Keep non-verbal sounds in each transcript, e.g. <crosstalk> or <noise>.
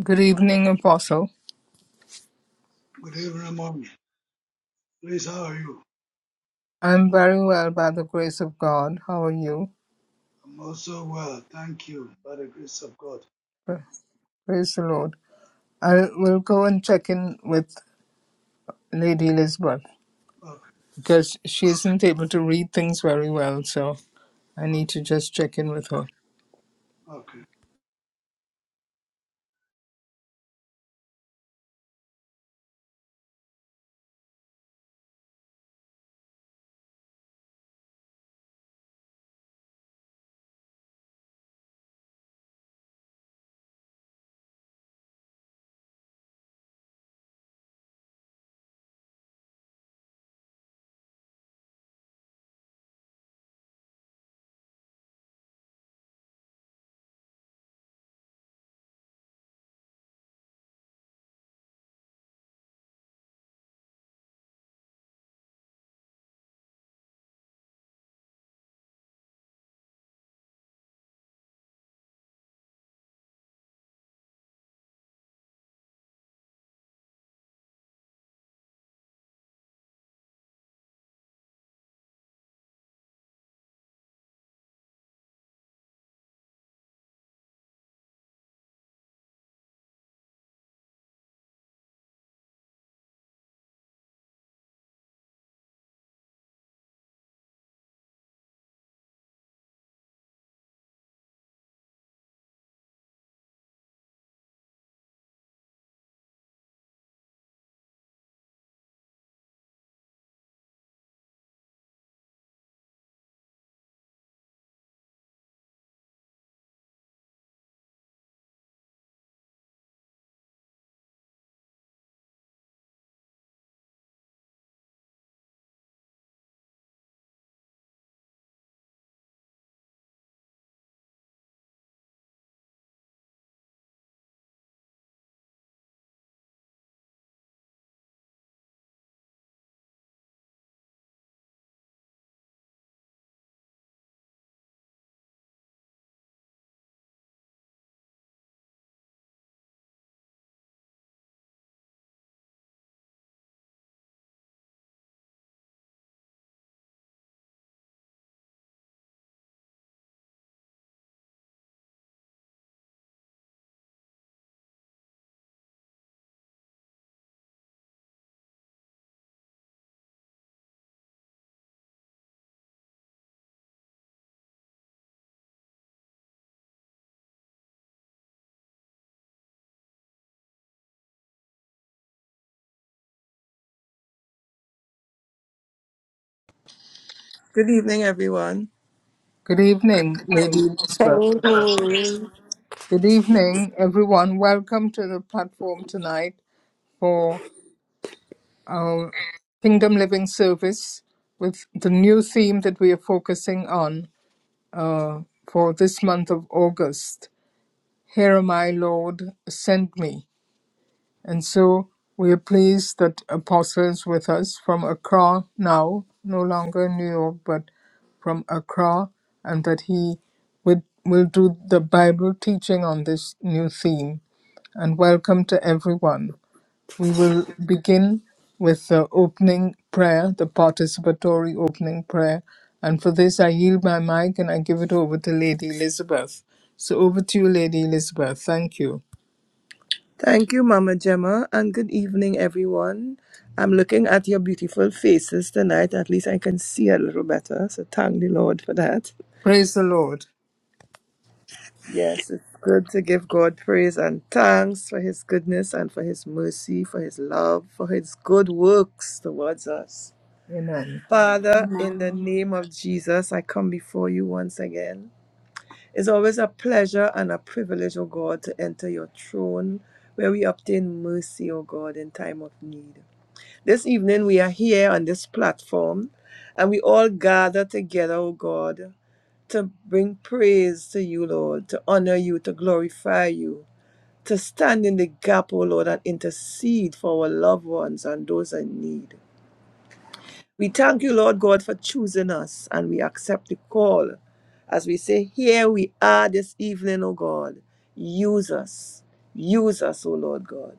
Good evening, Apostle. Good evening, Mommy. Please, how are you? I'm very well by the grace of God. How are you? I'm also well, thank you, by the grace of God. Pra- Praise the Lord. I will go and check in with Lady Elizabeth Okay, because she isn't able to read things very well, so I need to just check in with her. okay, okay. Good evening, everyone. Good evening, Lady Good Elizabeth. evening. Good evening, everyone. Welcome to the platform tonight for our Kingdom Living service with the new theme that we are focusing on uh, for this month of August Here, my Lord, send me. And so we are pleased that apostles with us from Accra now, no longer New York, but from Accra, and that he would, will do the Bible teaching on this new theme. And welcome to everyone. We will begin with the opening prayer, the participatory opening prayer. And for this, I yield my mic and I give it over to Lady Elizabeth. So over to you, Lady Elizabeth. Thank you. Thank you, Mama Gemma, and good evening, everyone. I'm looking at your beautiful faces tonight. At least I can see a little better. So thank the Lord for that. Praise the Lord. Yes, it's good to give God praise and thanks for His goodness and for His mercy, for His love, for His good works towards us. Amen. Father, in Amen. the name of Jesus, I come before you once again. It's always a pleasure and a privilege, O God, to enter your throne where we obtain mercy, O God, in time of need. This evening we are here on this platform and we all gather together, O God, to bring praise to you, Lord, to honor you, to glorify you, to stand in the gap, O Lord, and intercede for our loved ones and those in need. We thank you, Lord God, for choosing us, and we accept the call. As we say, here we are this evening, O God. Use us. Use us, O Lord God.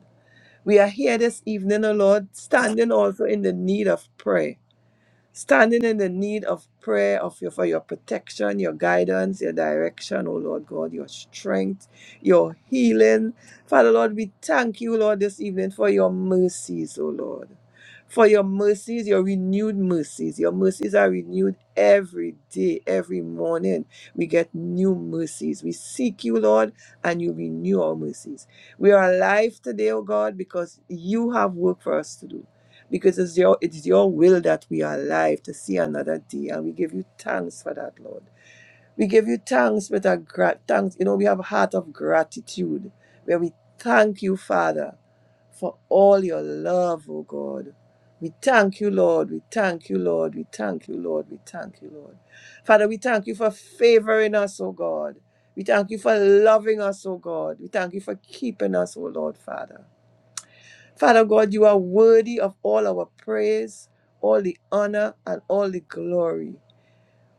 We are here this evening, O Lord, standing also in the need of prayer. Standing in the need of prayer of your, for your protection, your guidance, your direction, oh Lord God, your strength, your healing. Father Lord, we thank you, Lord, this evening for your mercies, oh Lord. For your mercies, your renewed mercies. Your mercies are renewed every day, every morning. We get new mercies. We seek you, Lord, and you renew our mercies. We are alive today, oh God, because you have work for us to do because it's your it's your will that we are alive to see another day and we give you thanks for that lord we give you thanks with a gra- thanks you know we have a heart of gratitude where we thank you father for all your love oh god we thank you lord we thank you lord we thank you lord we thank you lord father we thank you for favoring us oh god we thank you for loving us oh god we thank you for keeping us oh lord father Father God, you are worthy of all our praise, all the honor, and all the glory.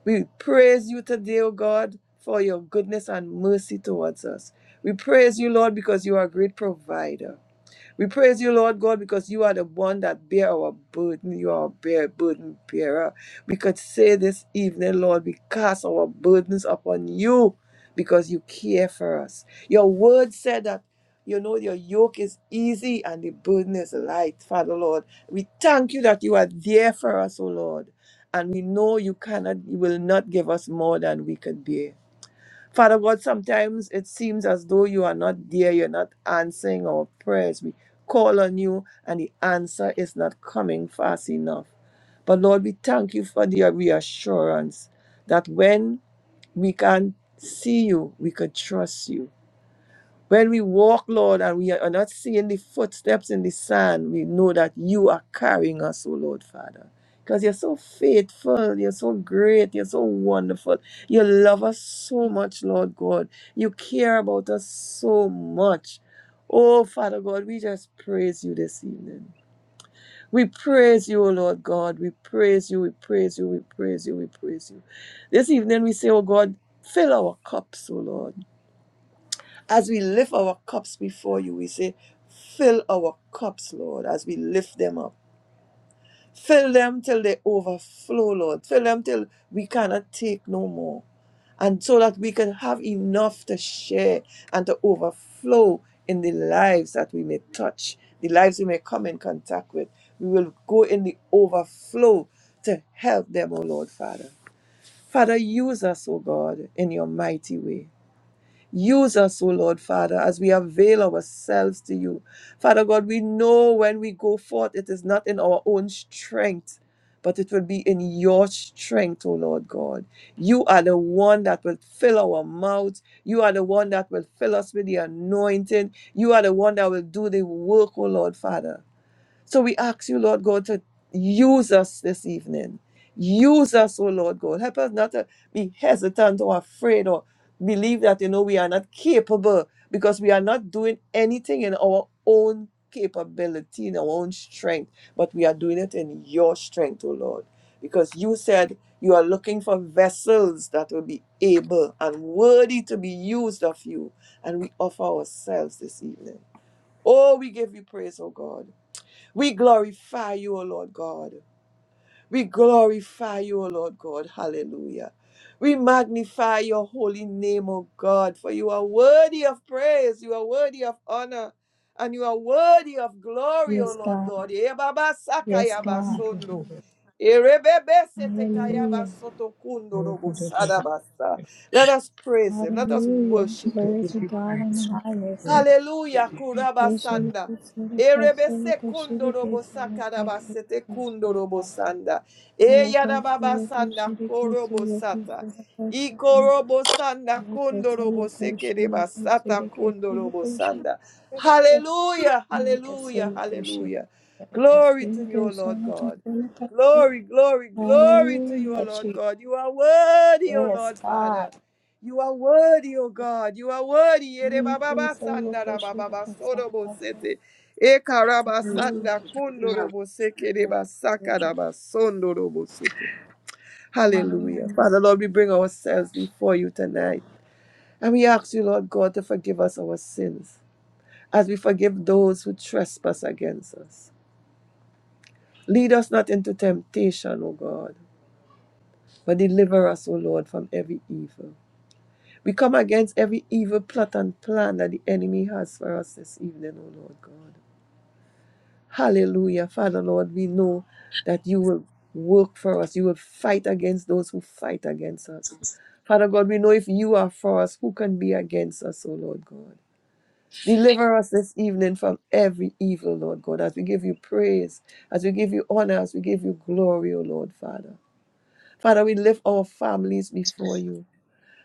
We praise you today, O God, for your goodness and mercy towards us. We praise you, Lord, because you are a great provider. We praise you, Lord God, because you are the one that bear our burden. You are our bear, burden bearer. We could say this evening, Lord, we cast our burdens upon you because you care for us. Your word said that, you know, your yoke is easy and the burden is light, Father Lord. We thank you that you are there for us, O Lord. And we know you cannot, you will not give us more than we can bear. Father God, sometimes it seems as though you are not there, you're not answering our prayers. We call on you, and the answer is not coming fast enough. But Lord, we thank you for the reassurance that when we can see you, we can trust you when we walk, Lord, and we are not seeing the footsteps in the sand, we know that you are carrying us, O Lord Father. Because you're so faithful, you're so great, you're so wonderful. You love us so much, Lord God. You care about us so much. Oh, Father God, we just praise you this evening. We praise you, O Lord God. We praise you, we praise you, we praise you, we praise you. This evening we say, oh God, fill our cups, O Lord. As we lift our cups before you, we say, Fill our cups, Lord, as we lift them up. Fill them till they overflow, Lord. Fill them till we cannot take no more. And so that we can have enough to share and to overflow in the lives that we may touch, the lives we may come in contact with. We will go in the overflow to help them, O Lord, Father. Father, use us, O God, in your mighty way. Use us, O Lord Father, as we avail ourselves to you. Father God, we know when we go forth, it is not in our own strength, but it will be in your strength, O Lord God. You are the one that will fill our mouths. You are the one that will fill us with the anointing. You are the one that will do the work, O Lord Father. So we ask you, Lord God, to use us this evening. Use us, oh Lord God. Help us not to be hesitant or afraid or believe that, you know, we are not capable because we are not doing anything in our own capability, in our own strength, but we are doing it in your strength, oh Lord. Because you said you are looking for vessels that will be able and worthy to be used of you. And we offer ourselves this evening. Oh, we give you praise, oh God. We glorify you, O Lord God. We glorify you, O Lord God. Hallelujah. We magnify your holy name, O God, for you are worthy of praise, you are worthy of honor, and you are worthy of glory, O Yes, Lord God. God. Ebaba Yes, sakaya God. basondo. Erebebe setekaya Hallelujah. basoto kundo Oh, robo God, I thank you. sadabasa. Let us praise him. Let us Hallelujah. worship We him. Glory give to you God in the praise. We give you highest. praise. Hallelujah, Hallelujah, kurabasanda. Erebese Jesus. kundorobo sakarabasete kundorobo sanda. Eyarababa sanda korobo sata. Ikorobo sanda kundorobo sekereba sata kundorobo sanda. Hallelujah, hallelujah, hallelujah. Glory to you, O Lord God. Glory, glory, glory to you, O Lord God. You are worthy, O Lord Yes, Father. God. You are worthy, O God. You are worthy. Ere Thank baba you so much, basanda ra baba Kushika basoro bosete. E karaba Hallelujah. Jesus. You are. kondoro boseke re basaka ra basondoro bosoto. Hallelujah. Hallelujah. Father, Lord, we bring ourselves before you tonight. And we ask you, Lord God, to forgive us our sins as we forgive those who trespass against us. Lead us not into temptation, O God, but deliver us, O Lord, from every evil. We come against every evil plot and plan that the enemy has for us this evening, O Lord God. Hallelujah. Father, Lord, we know that you will work for us. You will fight against those who fight against us. Father God, we know if you are for us, who can be against us, O Lord God? Deliver us this evening from every evil, Lord God, as we give you praise, as we give you honor, as we give you glory, O Lord Father. Father, we lift our families before you.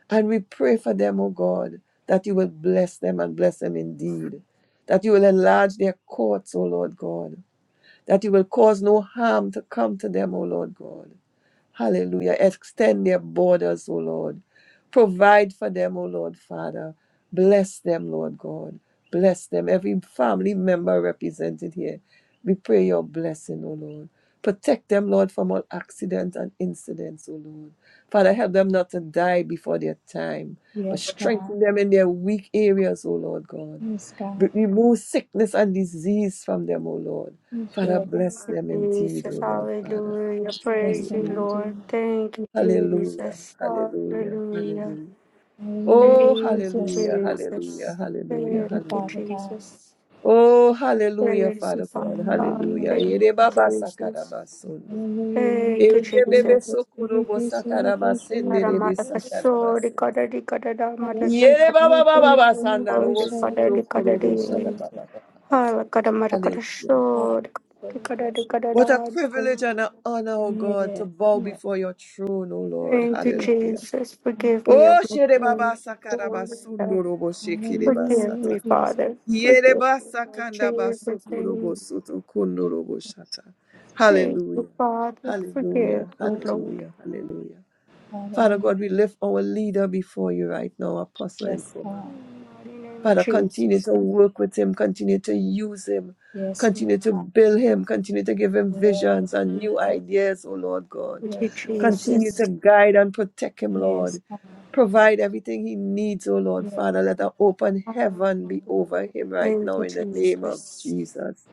And we pray for them, O God, that you will bless them and bless them indeed. That you will enlarge their courts, O Lord God. That you will cause no harm to come to them, O Lord God. Hallelujah. Extend their borders, O Lord. Provide for them, O Lord Father. Bless them, Lord God. Bless them. Every family member represented here. We pray your blessing, O Lord. Protect them, Lord, from all accidents and incidents, O Lord. Father, help them not to die before their time, but Yes, God. strengthen them in their weak areas, O Lord God. Yes, God. Re- Remove sickness and disease from them, O Lord. Yes, Father, Lord God. Thank bless you, them indeed, O Jesus. Lord Father. Hallelujah. Bless Praise you, them and Hallelujah. do. Lord. Thank you, Hallelujah, Jesus. hallelujah, Hallelujah. hallelujah. Thank Hallelujah, Oh, you, Jesus. hallelujah, hallelujah, Jesus. hallelujah, Thank you, Thank you, Father hallelujah. God. Jesus. Oh, hallelujah, Praise you, Father God, Father God. hallelujah. Hallelujah, Thank Jesus. Ere you, baba Jesus. sakaraba sundo. Hallelujah. Thank you, Ere Kushika Kushika bebebe Jesus. Kushika sokorobo Kushika sakaraba sende Kushika rebe Ramada Kushika. sakaraba Paso, se. Ricotta, Ricotta, Hare Ramada, Yere Krishna, Krishna baba baba Krishna, basanda Ricotta, robo Krishna Ricotta, sundo Krishna, korobo Krishna Krishna. Ricotta, sharaba baba. Hala, Katamara, Hallelujah. Hare Katasho, Krishna, Ricotta, Krishna. What a Ricotta, privilege and an honor, oh God, to Yes, bow Lord. before your throne, oh Lord. Thank you, Yes. Hallelujah. Jesus. thank you. Forgive me of O my shere Praise sins. baba God. sakara Lord, basundo have- robo shekere Forgive Hallelujah, me, basata. Jesus. Father. Yere Forgive me, Lord basakanda Jesus. basoko Amen. robo soto kundo robo shata. Thank you, Hallelujah. Father. Forgive Hallelujah. me, Shout out, Lord. Hallelujah. Hallelujah. Father Hallelujah. God, we lift our leader before you right now, Apostle Yes, Nkrumah. God. In the mighty name of Father, continue Jesus. to work with him, continue to use him, Yes, you continue to are. build him, continue to give him Yes, visions and new Jesus. ideas, oh Lord God. Thank you, Yes, you are. Continue Jesus. to guide and protect him, Lord. Yes, God. Provide everything he needs, oh Lord Yes, Jesus. Father. Let Yes, an God. open heaven be over him right Thank now you, in Jesus. the name of Jesus.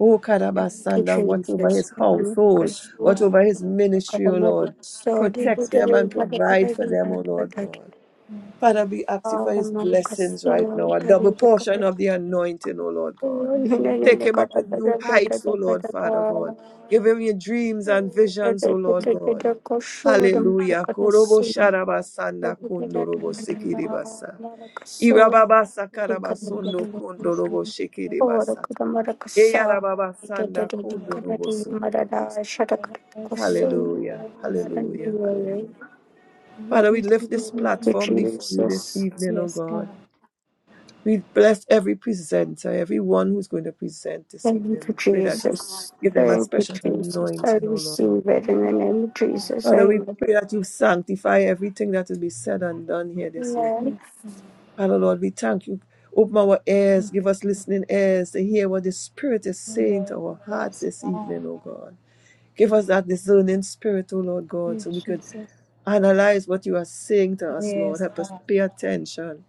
Oh Thank you, Karabasanda, watch over Jesus. his Thank household, Yes, watch God. over his ministry, oh Lord. Protect Yes, them and provide for them, oh Lord God. yes. Father, we ask you for his blessings you, right now, a double portion Jesus. of the anointing, O Lord God. Hallelujah, Take him up in new Jesus. heights, O Lord Father God. Give him your dreams and visions, O Lord Yes, God. God. Hallelujah. Korobo sharabasanda kondorobo Hallelujah. sikiribasa. Irababasa We karabasondo should have listened kondorobo shikiribasa. to Eyarababasanda kondorobo the sikiribasa. Yes, God. Yes, God. Hallelujah. Hallelujah. Hallelujah. Father, we lift this platform before you this Jesus. evening, O Yes, God. God. We bless every presenter, everyone who's going to present this evening. Thank you, We pray that you Amen. Jesus. give them a Thank you, special Jesus. I anointing, O Lord. receive it in the name of Father, we Jesus. pray that you sanctify everything that will be said and done here this Lord evening. Father, Lord, we thank you. Open our ears, give us listening ears to hear what the Spirit is saying to our hearts Yes, this God. evening, O God. Give us that discerning spirit, O Lord God, so we Yes, could Jesus. analyze what you are saying to us, Lord. Yes, Help us God. to pay attention.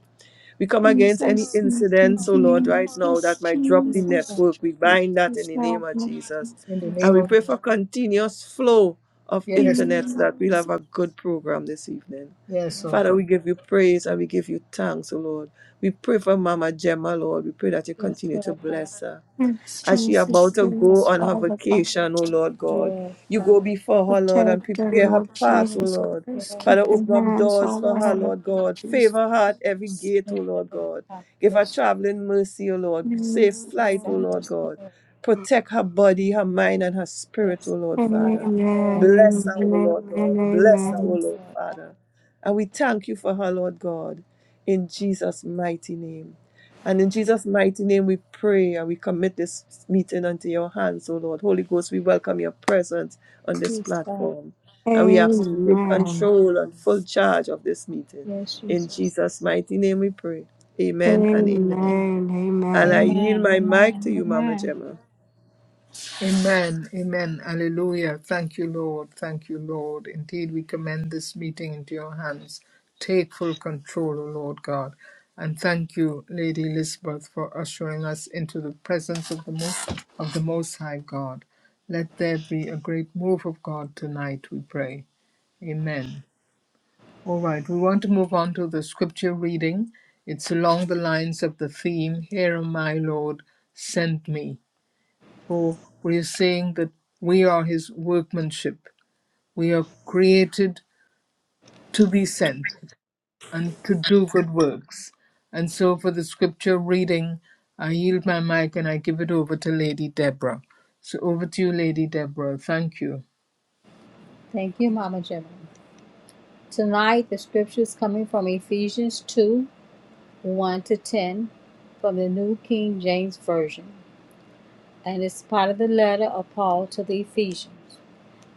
We come against any Jesus, thank you, incidents, oh Lord, right Jesus, now that might drop the Yes, Jesus, God. network. We bind that in Jesus, the name help of me. Jesus. In the Yes, And name we of God. pray for continuous flow of yes, internet so that we'll Jesus, have a good program this evening. yes, oh Father, God. we give you praise and we give you thanks, oh Lord. We pray for Mama Gemma, Lord. We pray that you Yes, continue to Lord God. bless her yes, as she Jesus, about to go yes, Yes, on her Father God, vacation, oh Lord God. God. Yes, You God. go before her, Lord, and protect her, prepare her Lord path, oh Jesus Lord. Yes, Christ, God. Father, keep your open up hands doors for over her, her, Lord Lord God. Jesus Favor her at every Christ. gate, oh Thank you, Lord Lord God. God. Give her Yes, Jesus. traveling mercy, O Lord. Amen, Safe flight, O Send her Lord God. spirit. Protect her body, her mind, and her spirit, O Yes, Lord Father. God. amen, Yes, amen, Bless her, Jesus. O amen, Lord God. Bless Yes, her, O amen, Lord Lord God. Father. And we thank you for her, Lord God. In Jesus' mighty name. And in Jesus' mighty name, we pray and we commit this meeting unto your hands, O Lord. Holy Ghost, we welcome your presence on this Yes, God. platform. And we ask you to take amen, amen. control and full charge of this meeting. Yes, In Jesus. Jesus' mighty name, we pray. Amen and amen. And I Amen. yield Amen. my mic to Amen. you, Mama Amen. Gemma. Amen. Amen. Hallelujah. Thank you, Lord. Thank you, Lord. Indeed, we commend this meeting into your hands. Take full control, O Lord God. And thank you, Lady Elizabeth, for ushering us into the presence of the most of the Most High God. Let there be a great move of God tonight, we pray. Amen. All right, we want to move on to the scripture reading. It's along the lines of the theme, Here am I, Lord, send me. For we're saying that we are his workmanship. We are created to be sent and to do good works. And so for the scripture reading, I yield my mic and I give it over to Lady Deborah. So over to you, Lady Deborah. Thank you. Thank you, Mama Gemma. Tonight, the scripture is coming from Ephesians 2 1 to 10 from the New King James Version. And it's part of the letter of Paul to the Ephesians.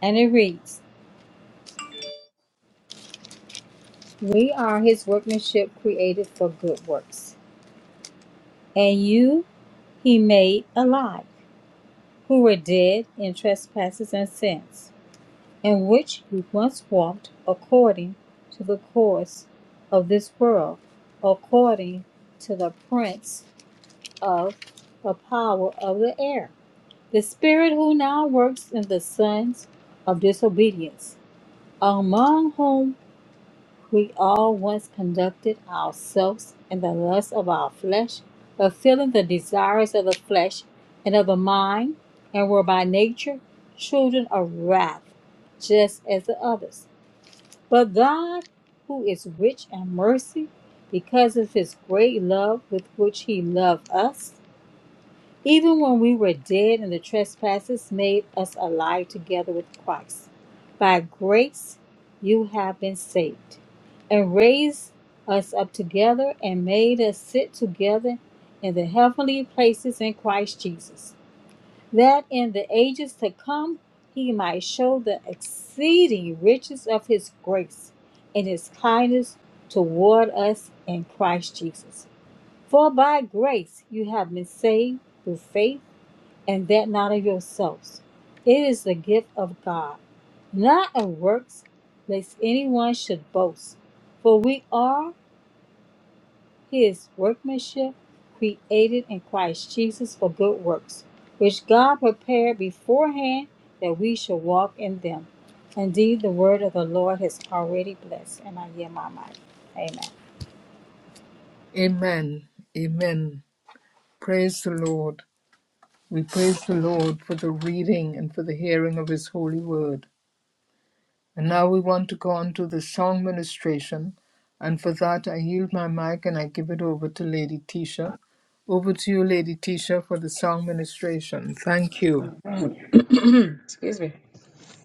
And it reads We are his workmanship created for good works And you he made alive, who were dead in trespasses and sins, in which you once walked according to the course of this world, according to the prince of the power of the air, the spirit who now works in the sons of disobedience, among whom we all once conducted ourselves in the lust of our flesh, fulfilling the desires of the flesh and of the mind, and were by nature children of wrath, just as the others. But God, who is rich in mercy, because of his great love with which he loved us, even when we were dead in the trespasses, made us alive together with Christ. By grace you have been saved, and raised us up together, and made us sit together in the heavenly places in Christ Jesus, that in the ages to come he might show the exceeding riches of his grace and his kindness toward us in Christ Jesus. For by grace you have been saved through faith and that not of yourselves. It is the gift of God, not of works, lest anyone should boast. For we are his workmanship, created in Christ Jesus for good works, which God prepared beforehand that we should walk in them. Indeed, the word of the Lord has already blessed, and I yield my mind. Amen. Amen. Amen. Praise the Lord. We praise the Lord for the reading and for the hearing of His holy word. And now we want to go on to the song ministration. And for that, I yield my mic and I give it over to Lady Tisha. Over to you, Lady Tisha, for the song ministration. Thank you. <clears throat> Excuse me.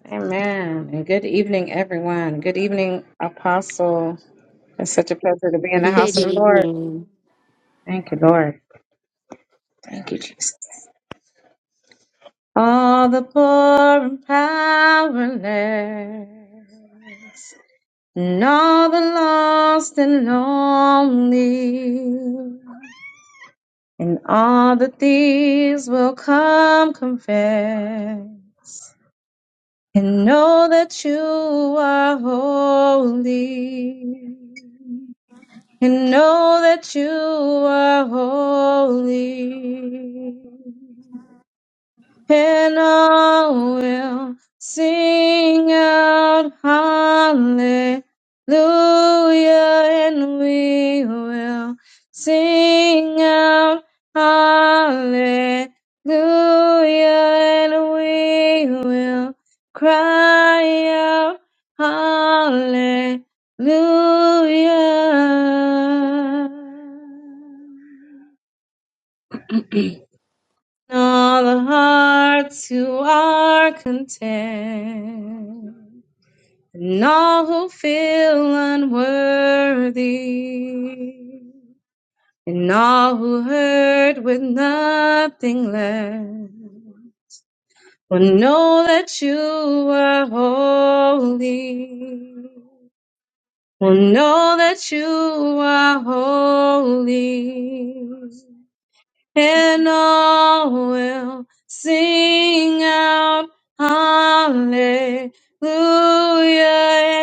Amen. And good evening, everyone. Good evening, Apostle. It's such a pleasure to be in Good the Good house of evening. the Lord. evening. Thank you, Lord. Thank you, Jesus. All the poor and powerless, and all the lost and lonely, and all the thieves will come confess. and know that you are holy. And know that you are holy and all will sing out hallelujah, and we will sing out hallelujah, and we will cry out hallelujah and all the hearts who are content, and all who feel unworthy, and all who hurt with nothing left, will know that you are holy. Will know that you are holy. and all will sing out hallelujah,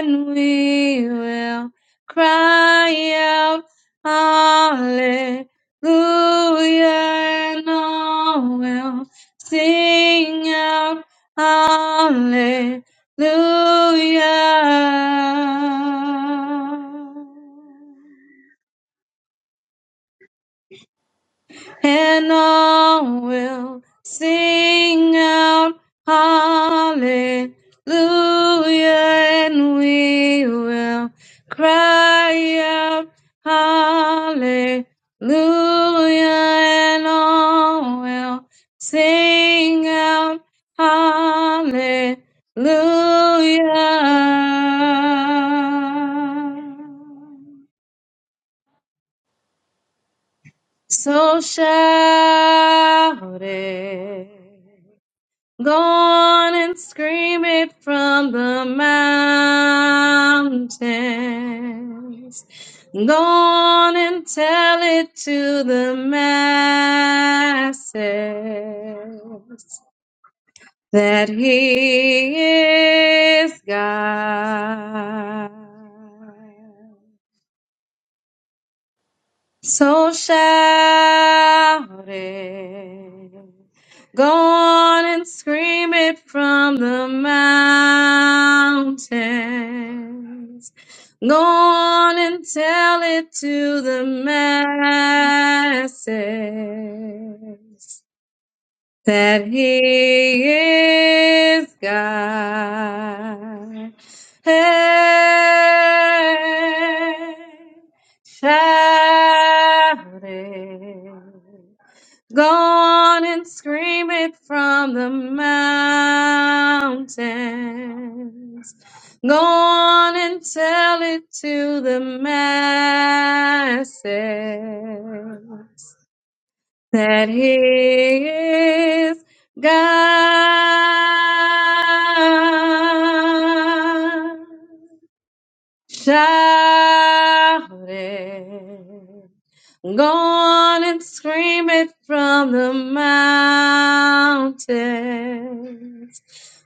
and we will cry out hallelujah, and all will sing out hallelujah. and all will sing out hallelujah, and we will cry out hallelujah, and all will sing out hallelujah. So shout it. Go on and scream it from the mountains. Go on and tell it to the masses that He is God. So shout it. Go on and scream it from the mountains. Go on and tell it to the masses that he is God. Hey, shout it. Go on and scream it from the mountains. Go on and tell it to the masses that he is God. Shout it. Go on and scream it from the mountains.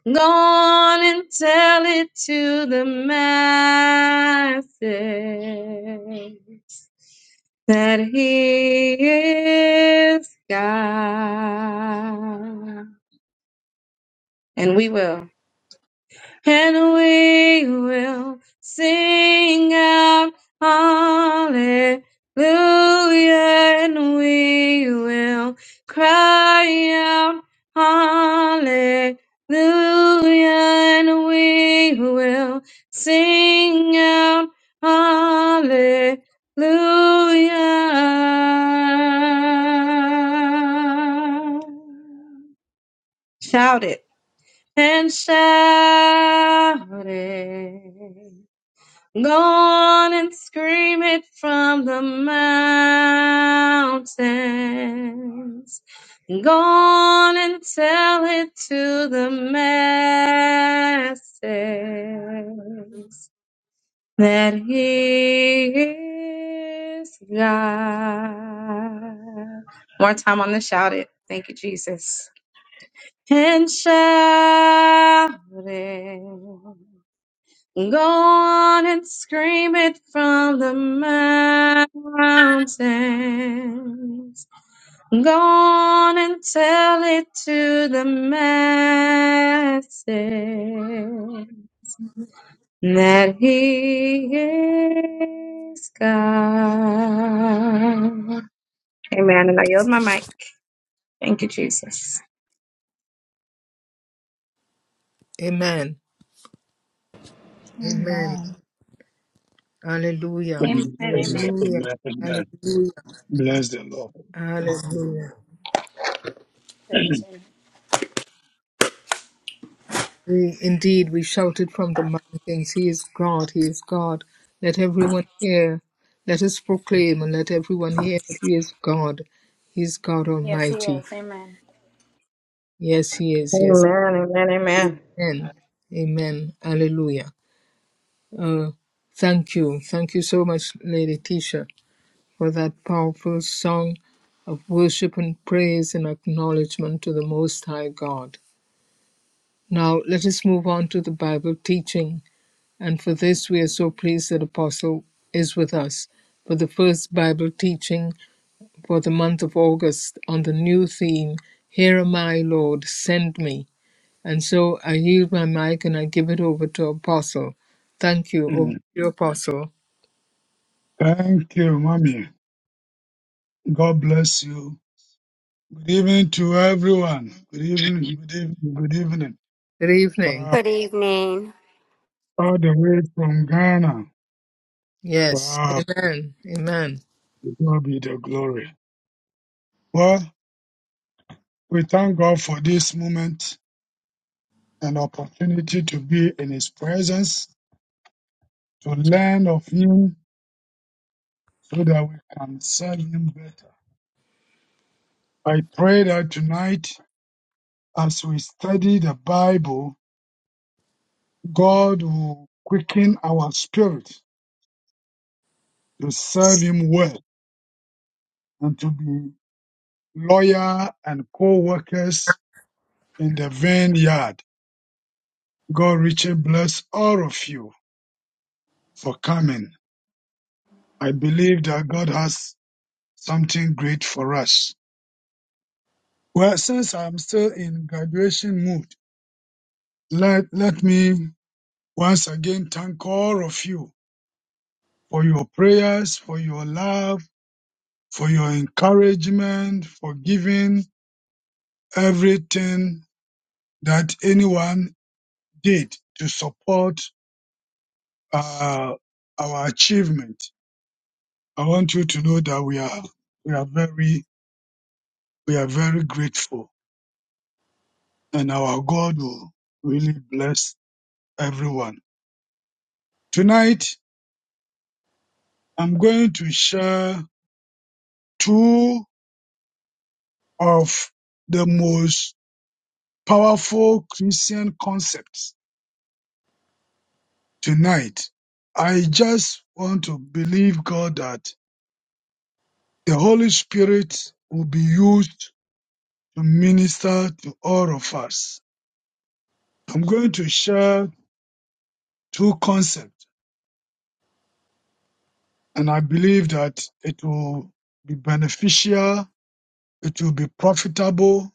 Go on and tell it to the masses that He is God. And we will and we will sing out hallelujah, and we will cry out hallelujah, and we will sing out hallelujah. Shout it and shout it! Go on and scream it from the mountains. Go on and tell it to the masses that he is God. More time on the shout it. Thank you, Jesus and shout it. Go on and scream it from the mountains. Go on and tell it to the masses that He is God. Amen. And I yield my mic. Thank you, Jesus. Amen. Amen. Hallelujah. Amen. Amen. Amen. Amen. Hallelujah. Amen. Amen. Hallelujah. Bless the Lord. Hallelujah. That is <clears throat> amen. We indeed we shouted from the mountains, He is God, He is God. Let everyone hear. Let us proclaim and let everyone hear that He is God. He is God Yes, he is. Almighty. Amen. Yes, He is. Yes. Amen. Amen. Amen. Amen. Hallelujah. Uh, thank you. Thank you so much, Lady Tisha, for that powerful song of worship and praise and acknowledgement to the Most High God. Now let us move on to the Bible teaching. And for this we are so pleased that Apostle is with us for the first Bible teaching for the month of August on the new theme, Here am I, Lord, send me. And so I yield my mic and I give it over to Apostle. Thank you, over to Mm. you, Apostle. Thank you, mommy. God bless you. Good evening to everyone. Good evening. Good evening. Good evening. Good evening. Wow. Good evening. All the way from Ghana. Yes. Wow. Amen. Amen. To God be the glory. Well, we thank God for this moment and opportunity to be in His presence, to learn of Him so that we can serve Him better. I pray that tonight, as we study the Bible, God will quicken our spirit to serve Him well and to be loyal and co-workers in the vineyard. God richly bless all of you for coming. I believe that God has something great for us. Well, since I'm still in graduation mood, let, let me once again thank all of you for your prayers, for your love, for your encouragement, for giving everything that anyone did to support uh, our achievement. I want you to know that we are we are very we are very grateful, and our God will really bless everyone. Tonight, I'm going to share two of the most powerful Christian concepts. Tonight, I just want to believe God that the Holy Spirit will be used to minister to all of us. I'm going to share two concepts, and I believe that it will be beneficial, it will be profitable,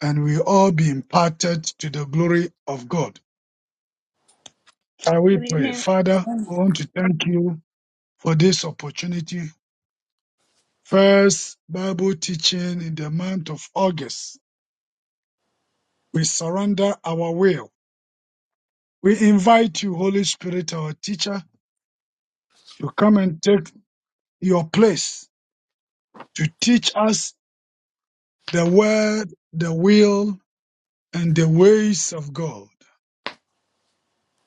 and we all be imparted to the glory of God. Shall we Good pray? evening. Father, we Amen. want to thank you for this opportunity. First Bible teaching in the month of August. We surrender our will. We invite you, Holy Spirit, our teacher, to come and take your place to teach us the word, the will, and the ways of God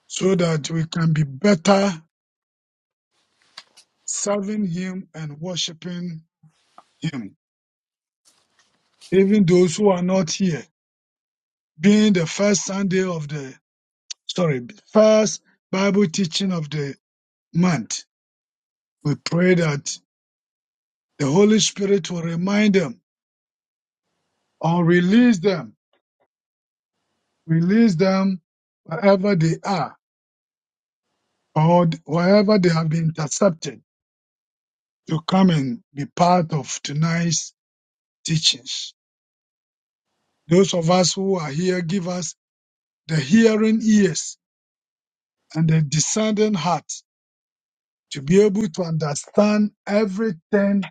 so that we can be better serving Him and worshiping Him. Even those who are not here, being the first Sunday of the, sorry, first Bible teaching of the month, we pray that the Holy Spirit will remind them or release them, release them wherever they are or wherever they have been intercepted to come and be part of tonight's teachings. Those of us who are here, give us the hearing ears and the discerning heart to be able to understand everything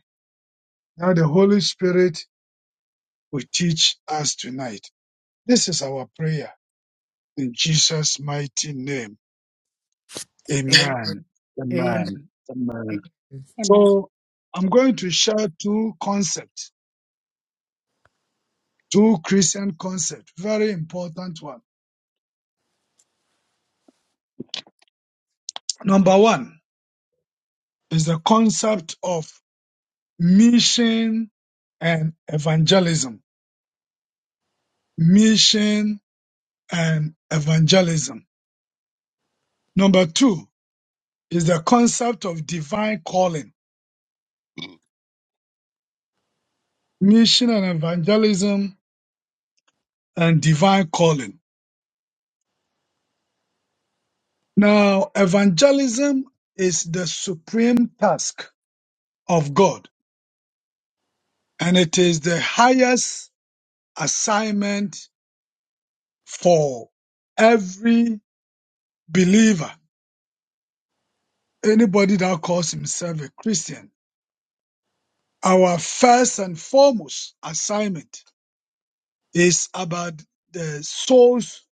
that the Holy Spirit will teach us tonight. This is our prayer in Jesus' mighty name. A- Amen. Amen. Amen. Amen. Amen. So I'm going to share two concepts, two Christian concepts, very important one. Number one, is the concept of mission and evangelism. Mission and evangelism. Number two is the concept of divine calling. Mission and evangelism and divine calling. Now, evangelism is the supreme task of God and it is the highest assignment for every believer, anybody that calls himself a Christian Our first and foremost assignment is about the souls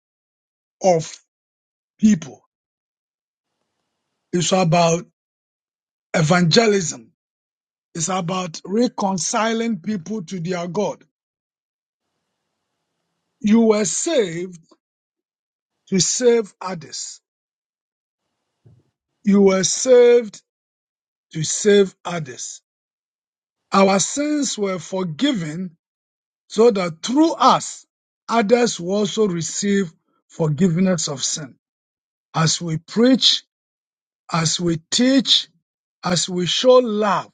of people. It's about evangelism. It's about reconciling people to their God. You were saved to save others. You were saved to save others. Our sins were forgiven so that through us, others will also receive forgiveness of sin. As we preach as we teach, as we show love,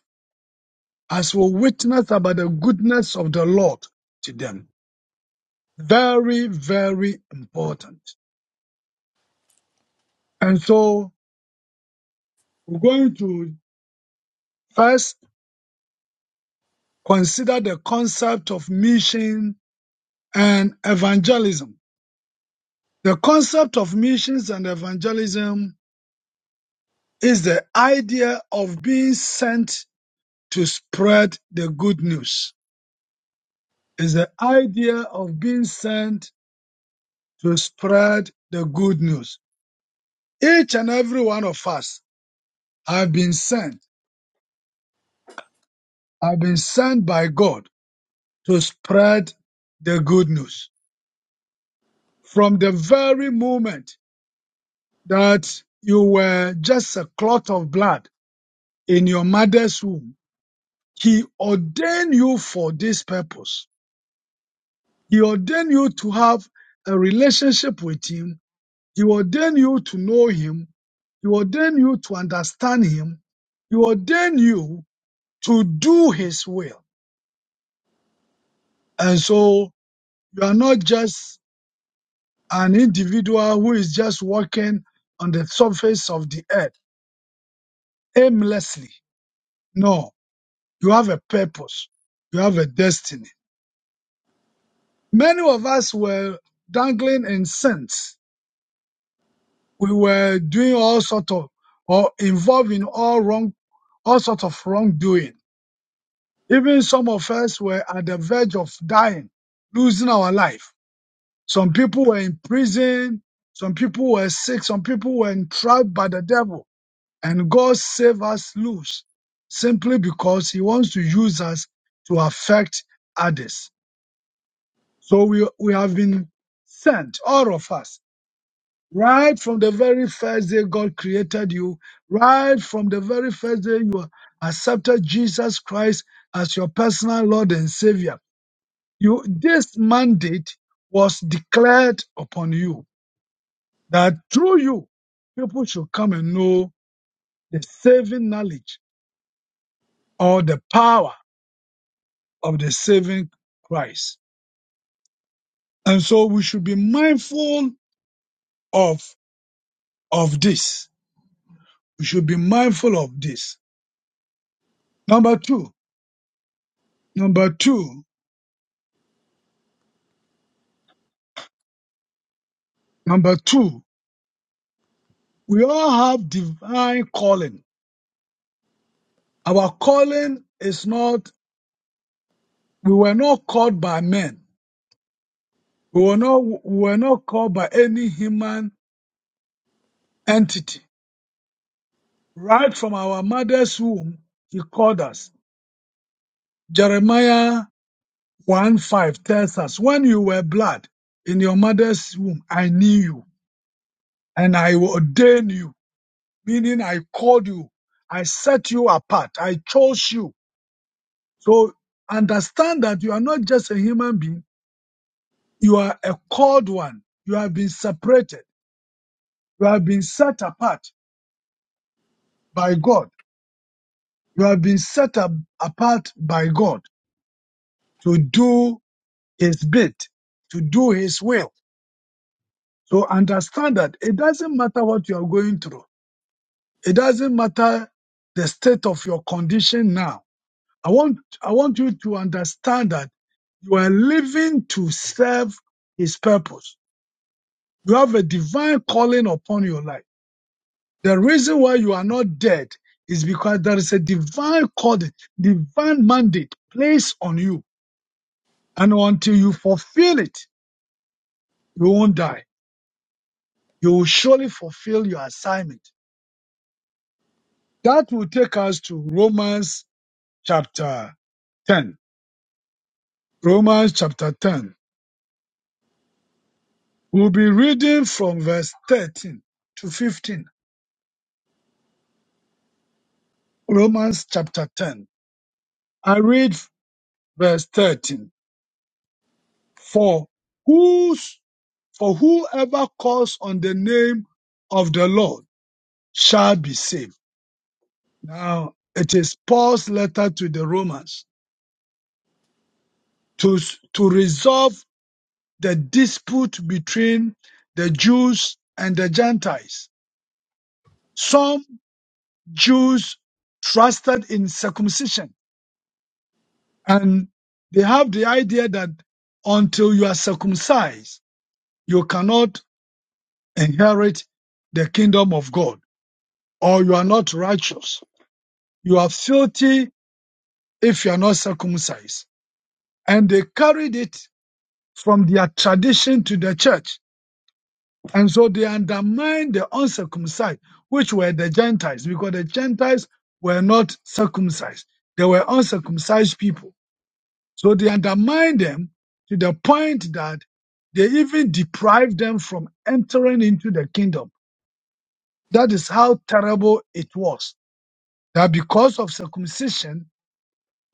as we witness about the goodness of the Lord to them. Very, very important. And so we're going to first consider the concept of mission and evangelism. The concept of missions and evangelism is the idea of being sent to spread the good news. Is the idea of being sent to spread the good news. Each and every one of us have been sent, have been sent by God to spread the good news. From the very moment that you were just a clot of blood in your mother's womb, He ordained you for this purpose. He ordained you to have a relationship with Him. He ordained you to know Him. He ordained you to understand Him. He ordained you to do his will. And so you are not just an individual who is just walking on the surface of the earth aimlessly. No, you have a purpose. You have a destiny. Many of us were dangling in sins. We were doing all sort of or involved in all wrong, all sort of wrongdoing. Even some of us were at the verge of dying, losing our life. Some people were in prison. Some people were sick. Some people were entrapped by the devil. And God saved us loose simply because he wants to use us to affect others. So we, we have been sent, all of us, right from the very first day God created you, right from the very first day you accepted Jesus Christ as your personal Lord and Savior. You, this mandate was declared upon you that through you, people should come and know the saving knowledge or the power of the saving Christ. And so we should be mindful of, of this. We should be mindful of this. Number two, number two, number two, we all have divine calling. Our calling is not, we were not called by men. We were not, we were not called by any human entity Right from our mother's womb, he called us. Jeremiah 1 5 tells us, When you were blood in your mother's womb, I knew you and I ordained you, meaning I called you, I set you apart, I chose you. So understand that you are not just a human being, you are a called one. You have been separated, you have been set apart by God, you have been set up, apart by God to do his bit to do his will. So understand that it doesn't matter what you are going through. It doesn't matter the state of your condition now. I want, I want you to understand that you are living to serve his purpose. You have a divine calling upon your life. The reason why you are not dead is because there is a divine calling, divine mandate placed on you. And until you fulfill it, you won't die. you will surely fulfill your assignment. That will take us to Romans chapter 10. Romans chapter 10. We'll be reading from verse 13 to 15. Romans chapter 10. I read verse 13. For whose, for whoever calls on the name of the Lord shall be saved. Now, it is Paul's letter to the Romans to, to resolve the dispute between the Jews and the Gentiles. Some Jews trusted in circumcision and they have the idea that until you are circumcised, you cannot inherit the kingdom of God or you are not righteous. You are filthy if you are not circumcised. And they carried it from their tradition to the church And so they undermined the uncircumcised, which were the Gentiles, because the Gentiles were not circumcised. They were uncircumcised people. So they undermined them to the point that they even deprived them from entering into the kingdom. That is how terrible it was. That because of circumcision,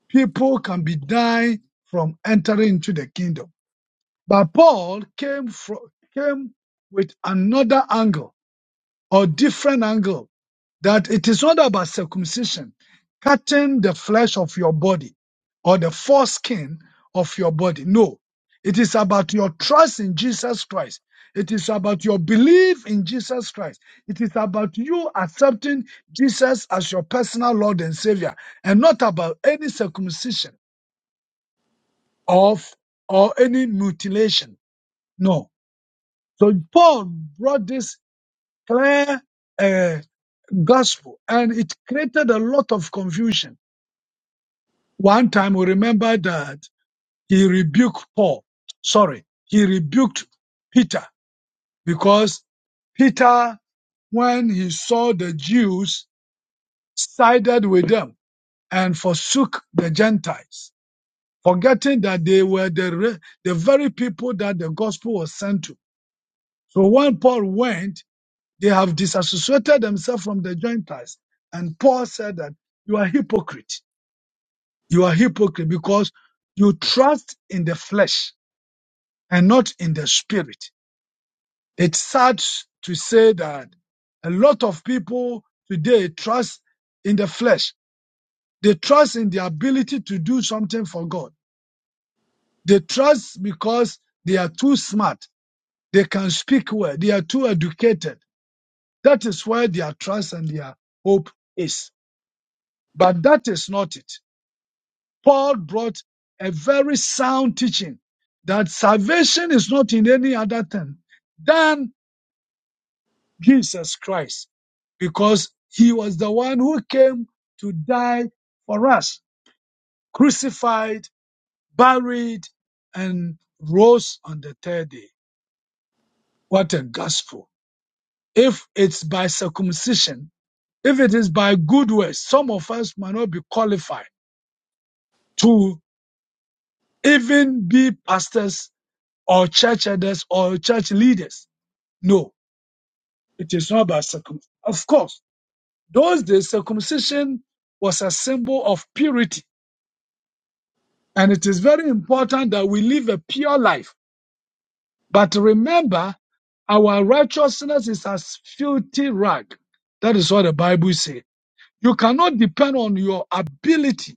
people can be denied from entering into the kingdom. But Paul came from, came with another angle or different angle that it is not about circumcision, cutting the flesh of your body or the foreskin of your body. No, it is about your trust in Jesus Christ. It is about your belief in Jesus Christ. It is about you accepting Jesus as your personal Lord and Savior and not about any circumcision of or any mutilation. No. So Paul brought this clear uh, gospel and it created a lot of confusion One time we remember that he rebuked Paul. Sorry, he rebuked Peter because Peter, when he saw the Jews, sided with them and forsook the Gentiles, forgetting that they were the, re- the very people that the gospel was sent to. So when Paul went, they have disassociated themselves from the Gentiles. And Paul said that you are hypocrite. You are hypocrite because you trust in the flesh and not in the spirit. It's sad to say that a lot of people today trust in the flesh. They trust in the ability to do something for God. They trust because they are too smart. They can speak well. They are too educated. That is where their trust and their hope is. But that is not it. Paul brought a very sound teaching that salvation is not in any other thing than Jesus Christ because he was the one who came to die for us, crucified, buried, and rose on the third day. What a gospel. If it's by circumcision, if it is by good works, some of us might not be qualified to even be pastors or church elders or church leaders. No, it is not by circumcision. Of course, those days circumcision was a symbol of purity And it is very important that we live a pure life. But remember, our righteousness is as filthy rag. That is what the Bible says. You cannot depend on your ability,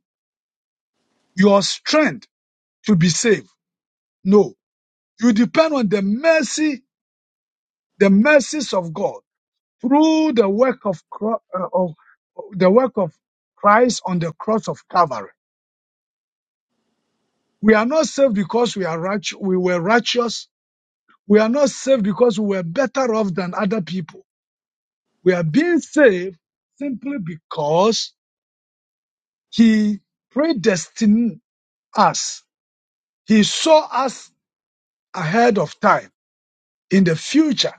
your strength to be saved. No. You depend on the mercy, the mercies of God through the work of, Cro- uh, of the work of Christ on the cross of Calvary. We are not saved because we are right, we were righteous We are not saved because we were better off than other people. We are being saved simply because He predestined us. He saw us ahead of time in the future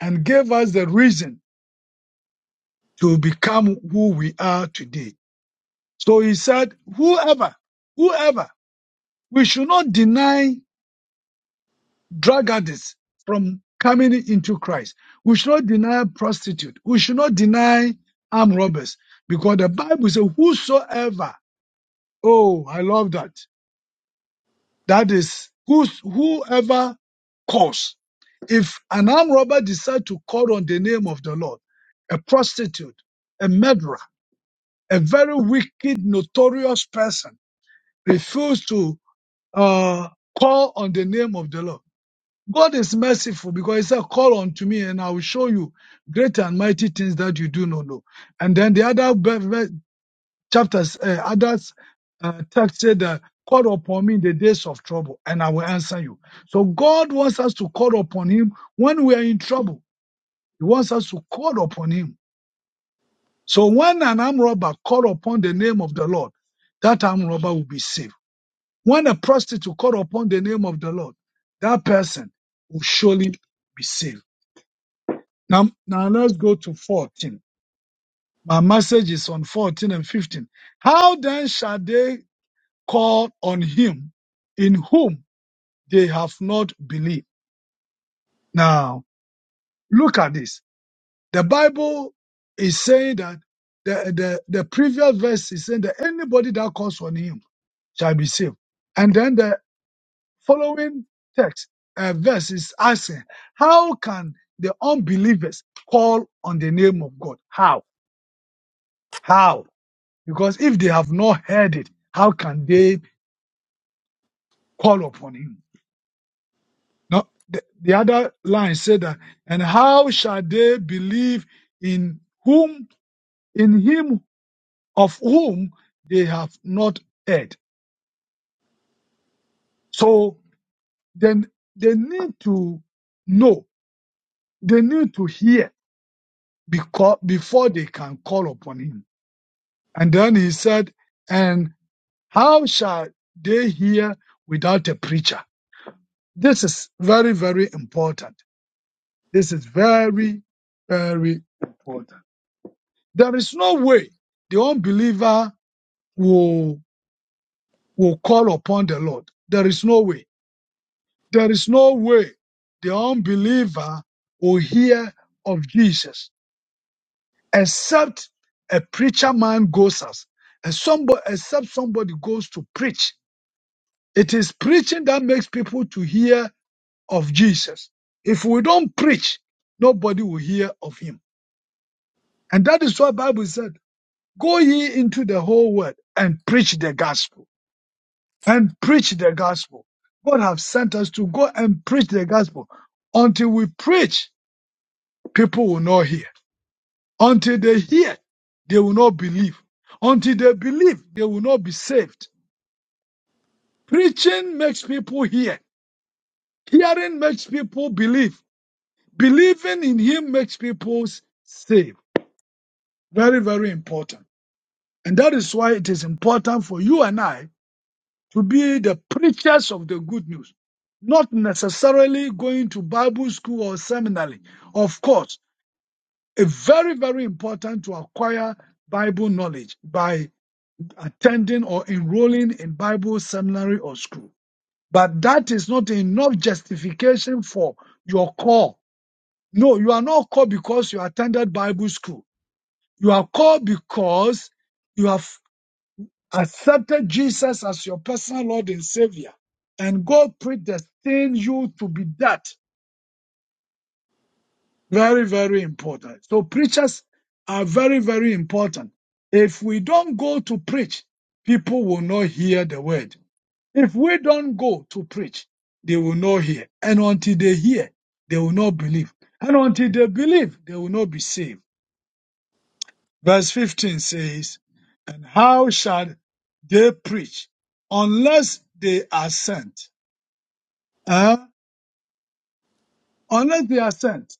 and gave us the reason to become who we are today. So He said, whoever, whoever, we should not deny drag others from coming into Christ. We should not deny prostitute. We should not deny armed robbers because the Bible says, whosoever, oh, I love that. That is who's, whoever calls. If an armed robber decides to call on the name of the Lord, a prostitute, a murderer, a very wicked, notorious person refuse to uh, call on the name of the Lord God is merciful because he said, call unto me and I will show you great and mighty things that you do not know. And then the other ver- ver- chapters, uh, others uh, text said, uh, call upon me in the days of trouble and I will answer you. So God wants us to call upon him when we are in trouble. He wants us to call upon him. So when an armed robber call upon the name of the Lord, that armed robber will be saved. When a prostitute call upon the name of the Lord, that person will surely be saved. Now, now let's go to 14. My message is on 14 and 15. How then shall they call on him in whom they have not believed? Now, look at this. The Bible is saying that the, the, the previous verse is saying that anybody that calls on him shall be saved. And then the following text, uh, verse is asking, how can the unbelievers call on the name of God? How? How? Because if they have not heard it, how can they call upon him? Now, the, the other line said that, and how shall they believe in whom, in him of whom they have not heard? So then they need to know, they need to hear because, before they can call upon him. And then he said, and how shall they hear without a preacher? This is very, very important This is very, very important. There is no way the unbeliever will, will call upon the Lord. There is no way. There is no way the unbeliever will hear of Jesus except a preacher man goes us, and somebody, except somebody goes to preach. It is preaching that makes people to hear of Jesus. If we don't preach, nobody will hear of him. And that is what Bible said. Go ye into the whole world and preach the gospel. And preach the gospel. God has sent us to go and preach the gospel. Until we preach, people will not hear. Until they hear, they will not believe. Until they believe, they will not be saved. Preaching makes people hear. Hearing makes people believe. Believing in Him makes people saved. Very, very important. And that is why it is important for you and I to be the preachers of the good news, not necessarily going to Bible school or seminary. Of course, it's very, very important to acquire Bible knowledge by attending or enrolling in Bible seminary or school. But that is not enough justification for your call. No, you are not called because you attended Bible school. You are called because you have accepted Jesus as your personal Lord and Savior, and God predestined you to be that. Very, very important. So preachers are very, very important. If we don't go to preach, people will not hear the word. If we don't go to preach, they will not hear. And until they hear, they will not believe. And until they believe, they will not be saved. Verse 15 says, And how shall they preach unless they are sent? Uh, unless they are sent.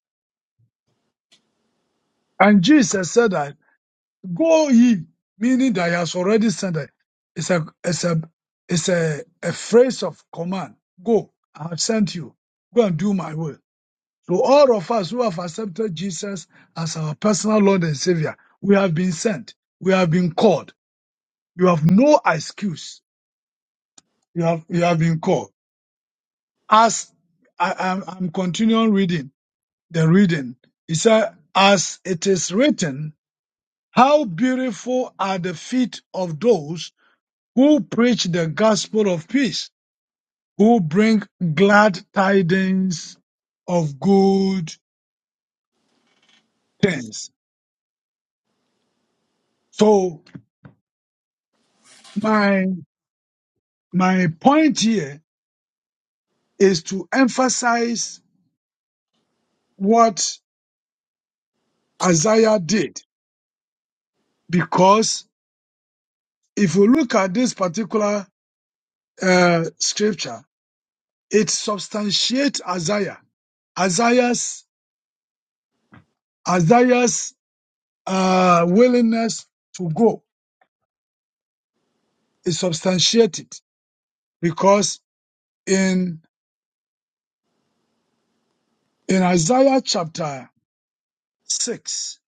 And Jesus said that, go ye, meaning that he has already sent it. It's a, it's a, it's a, a phrase of command. Go, I have sent you. Go and do my will. So all of us who have accepted Jesus as our personal Lord and Savior, we have been sent. We have been called. You have no excuse. You have, you have been called. As I, I'm, I'm continuing reading the reading. It said, as it is written, How beautiful are the feet of those who preach the gospel of peace, who bring glad tidings of good things. So my, my point here is to emphasize what Isaiah did, because if you look at this particular uh, scripture, it substantiates Isaiah, Isaiah's, Isaiah's uh, willingness to go is substantiated because in in Isaiah chapter 6,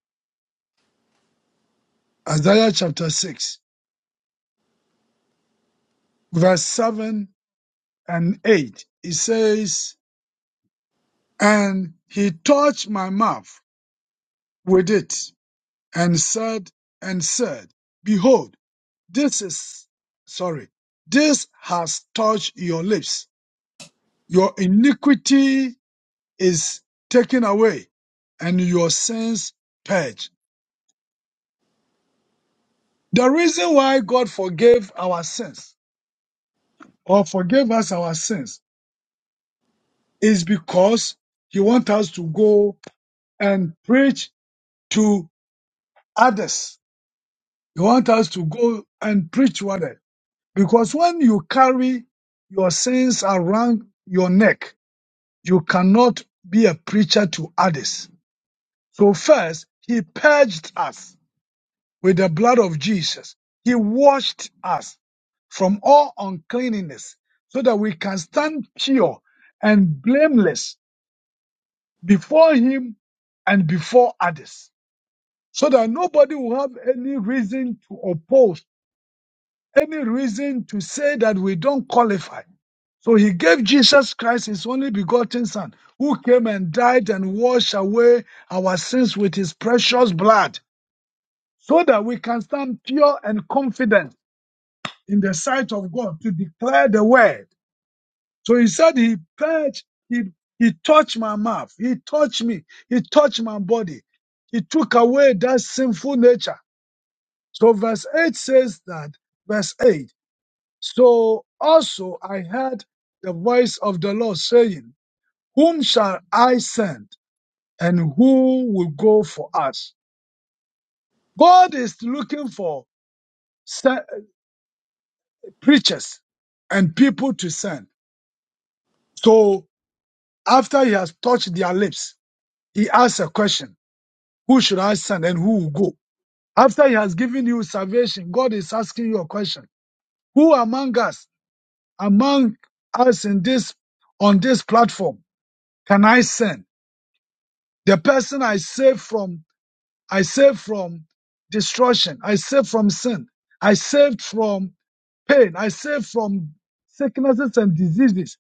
Isaiah chapter 6, verse 7 and 8, it says, And he touched my mouth with it and said, and said, Behold, this is, sorry, this has touched your lips. Your iniquity is taken away and your sins purged The reason why God forgave our sins or forgave us our sins is because He wants us to go and preach to others. He wants us to go and preach to others. Because when you carry your sins around your neck, you cannot be a preacher to others. So first, He purged us. with the blood of Jesus. He washed us from all uncleanness so that we can stand pure and blameless before Him and before others. So that nobody will have any reason to oppose, any reason to say that we don't qualify. So He gave Jesus Christ His only begotten Son, who came and died and washed away our sins with His precious blood, so that we can stand pure and confident in the sight of God to declare the word. So he said he purged, he, he touched my mouth, he touched me, he touched my body. He took away that sinful nature. So verse 8 says that, verse 8, so also I heard the voice of the Lord saying, whom shall I send and who will go for us? God is looking for se- preachers and people to send. So After he has touched their lips, he asks a question. Who should I send and who will go? After he has given you salvation, God is asking you a question. Who among us, among us in this, on this platform, can I send? The person I saved from, I saved from destruction. I saved from sin. I saved from pain. I saved from sicknesses and diseases.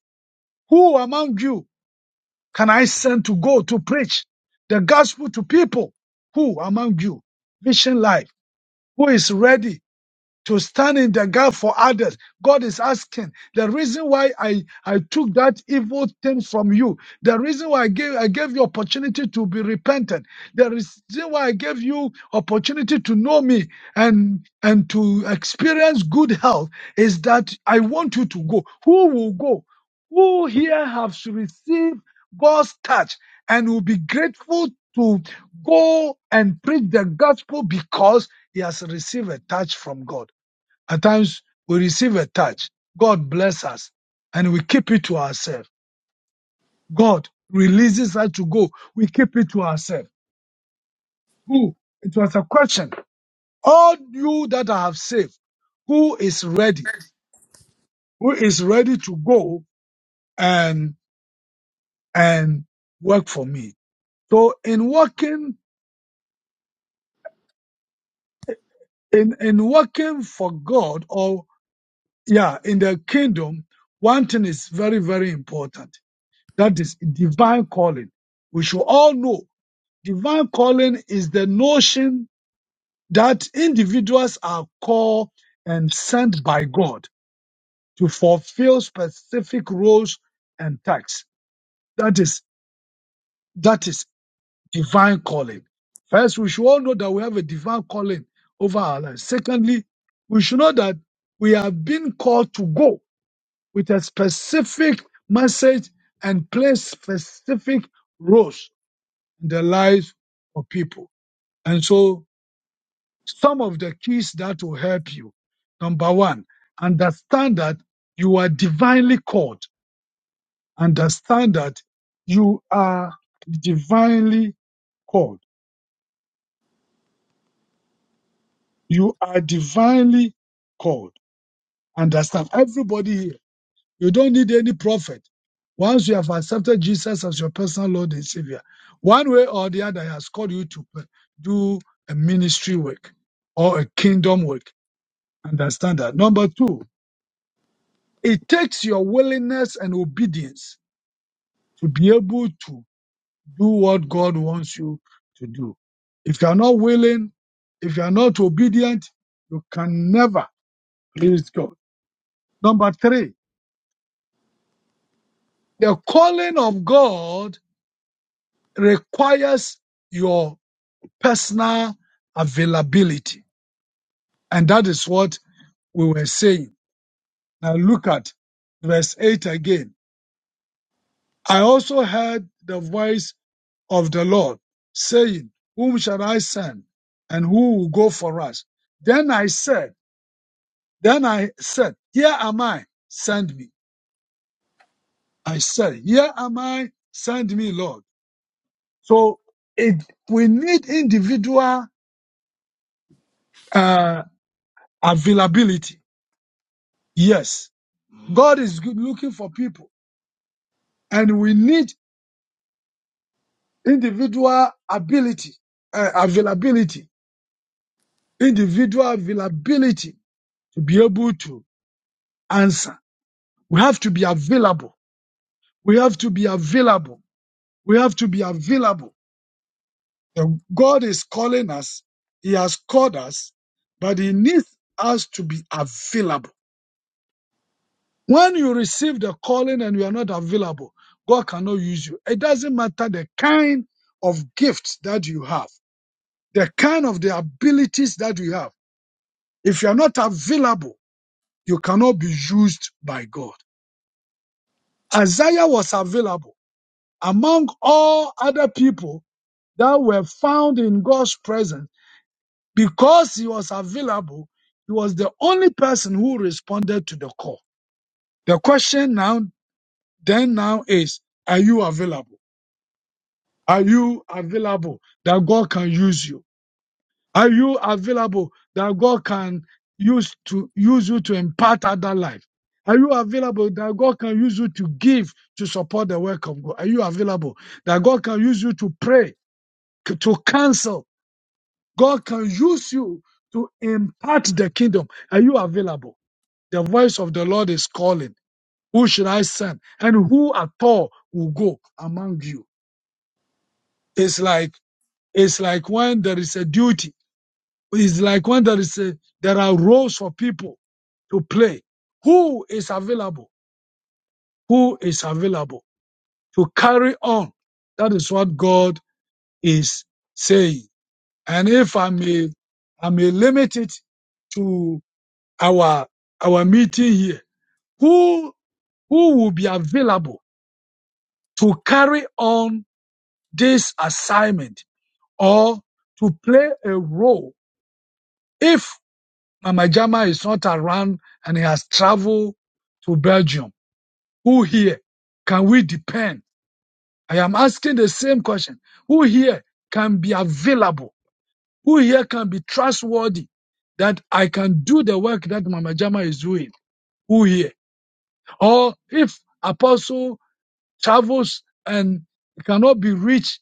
Who among you can I send to go to preach the gospel to people who among you, vision life, who is ready to stand in the gap for others. God is asking the reason why I, I took that evil thing from you, the reason why I gave, I gave you opportunity to be repentant, the reason why I gave you opportunity to know me and, and to experience good health is that I want you to go. Who will go? Who here has received God's touch and will be grateful to go and preach the gospel because he has received a touch from God? At times we receive a touch. God bless us and we keep it to ourselves. God releases us to go. We keep it to ourselves. Who? It was a question. All you that I have saved, who is ready? Who is ready to go and, and work for me? So in working, in, in working for God or yeah, in the kingdom, one thing is very, very important. That is divine calling. We should all know Divine calling is the notion that individuals are called and sent by God to fulfill specific roles and tasks. That is, that is divine calling. First, we should all know that we have a divine calling over our lives. Secondly, we should know that we have been called to go with a specific message and play specific roles in the lives of people. And so Some of the keys that will help you. Number one, understand that you are divinely called. Understand that you are divinely called. You are divinely called. Understand everybody here. You don't need any prophet. Once you have accepted Jesus as your personal Lord and Savior, one way or the other, He has called you to p- do a ministry work or a kingdom work. Understand that. Number two, It takes your willingness and obedience to be able to do what God wants you to do. If you are not willing, if you are not obedient, you can never please God. Number three, the calling of God requires your personal availability. And that is what we were saying. Now look at verse 8 again. I also heard the voice of the Lord, saying, Whom shall I send? And who will go for us? Then I said, Then I said, Here am I, send me. I said, Here am I, send me, Lord. So it, we need individual uh, availability. Yes, God is good looking for people, and we need individual ability, uh, availability, individual availability to be able to answer. We have to be available We have to be available. We have to be available. The God is calling us. He has called us, but He needs us to be available. When you receive the calling and you are not available, God cannot use you. It doesn't matter the kind of gifts that you have, the kind of the abilities that you have. If you are not available, you cannot be used by God. Isaiah was available among all other people that were found in God's presence Because he was available, he was the only person who responded to the call. The question now, then now is, are you available? Are you available that God can use you? Are you available that God can use to use you to impart other life? Are you available that God can use you to give to support the work of God? Are you available that God can use you to pray, c- to counsel? God can use you to impart the kingdom. Are you available? The voice of the Lord is calling. Who should I send? And who at all will go among you? It's like, it's like when there is a duty. It's like when there is a, there are roles for people to play. Who is available? Who is available to carry on? That is what God is saying. And if I may, I may limit it to our, our meeting here. Who, who will be available to carry on this assignment or to play a role if Mama Jama is not around and he has traveled to Belgium. Who here can we depend? I am asking the same question. Who here can be available? Who here can be trustworthy that I can do the work that Mama Jama is doing? Who here? Or if Apostle travels and cannot be reached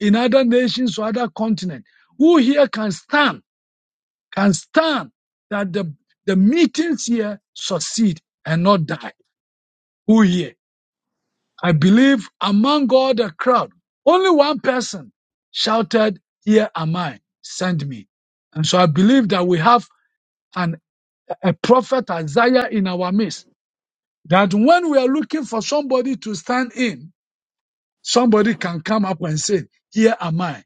in other nations or other continents, who here can stand? can stand that the, the meetings here succeed and not die. Who here? I believe among all the crowd, only one person shouted, Here am I, send me. And so I believe that we have an, a prophet Isaiah in our midst, that when we are looking for somebody to stand in, somebody can come up and say, Here am I,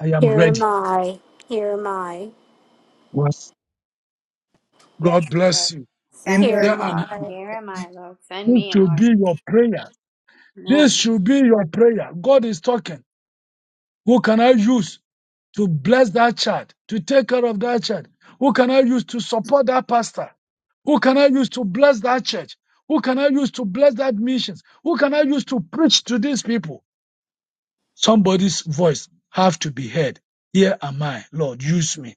I am Here am ready. I, here am I, Yes. God Yes, Lord. bless you. Send here Amen. Here am me. am, I, Here am I, Lord. Send this me, should Lord. be your prayer This Amen. should be your prayer. God is talking. Who can I use to bless that child, to take care of that child? Who can I use to support that pastor? Who can I use to bless that church? Who can I use to bless that missions? Who can I use to preach to these people? Somebody's voice have to be heard. Here am I, Lord, use me.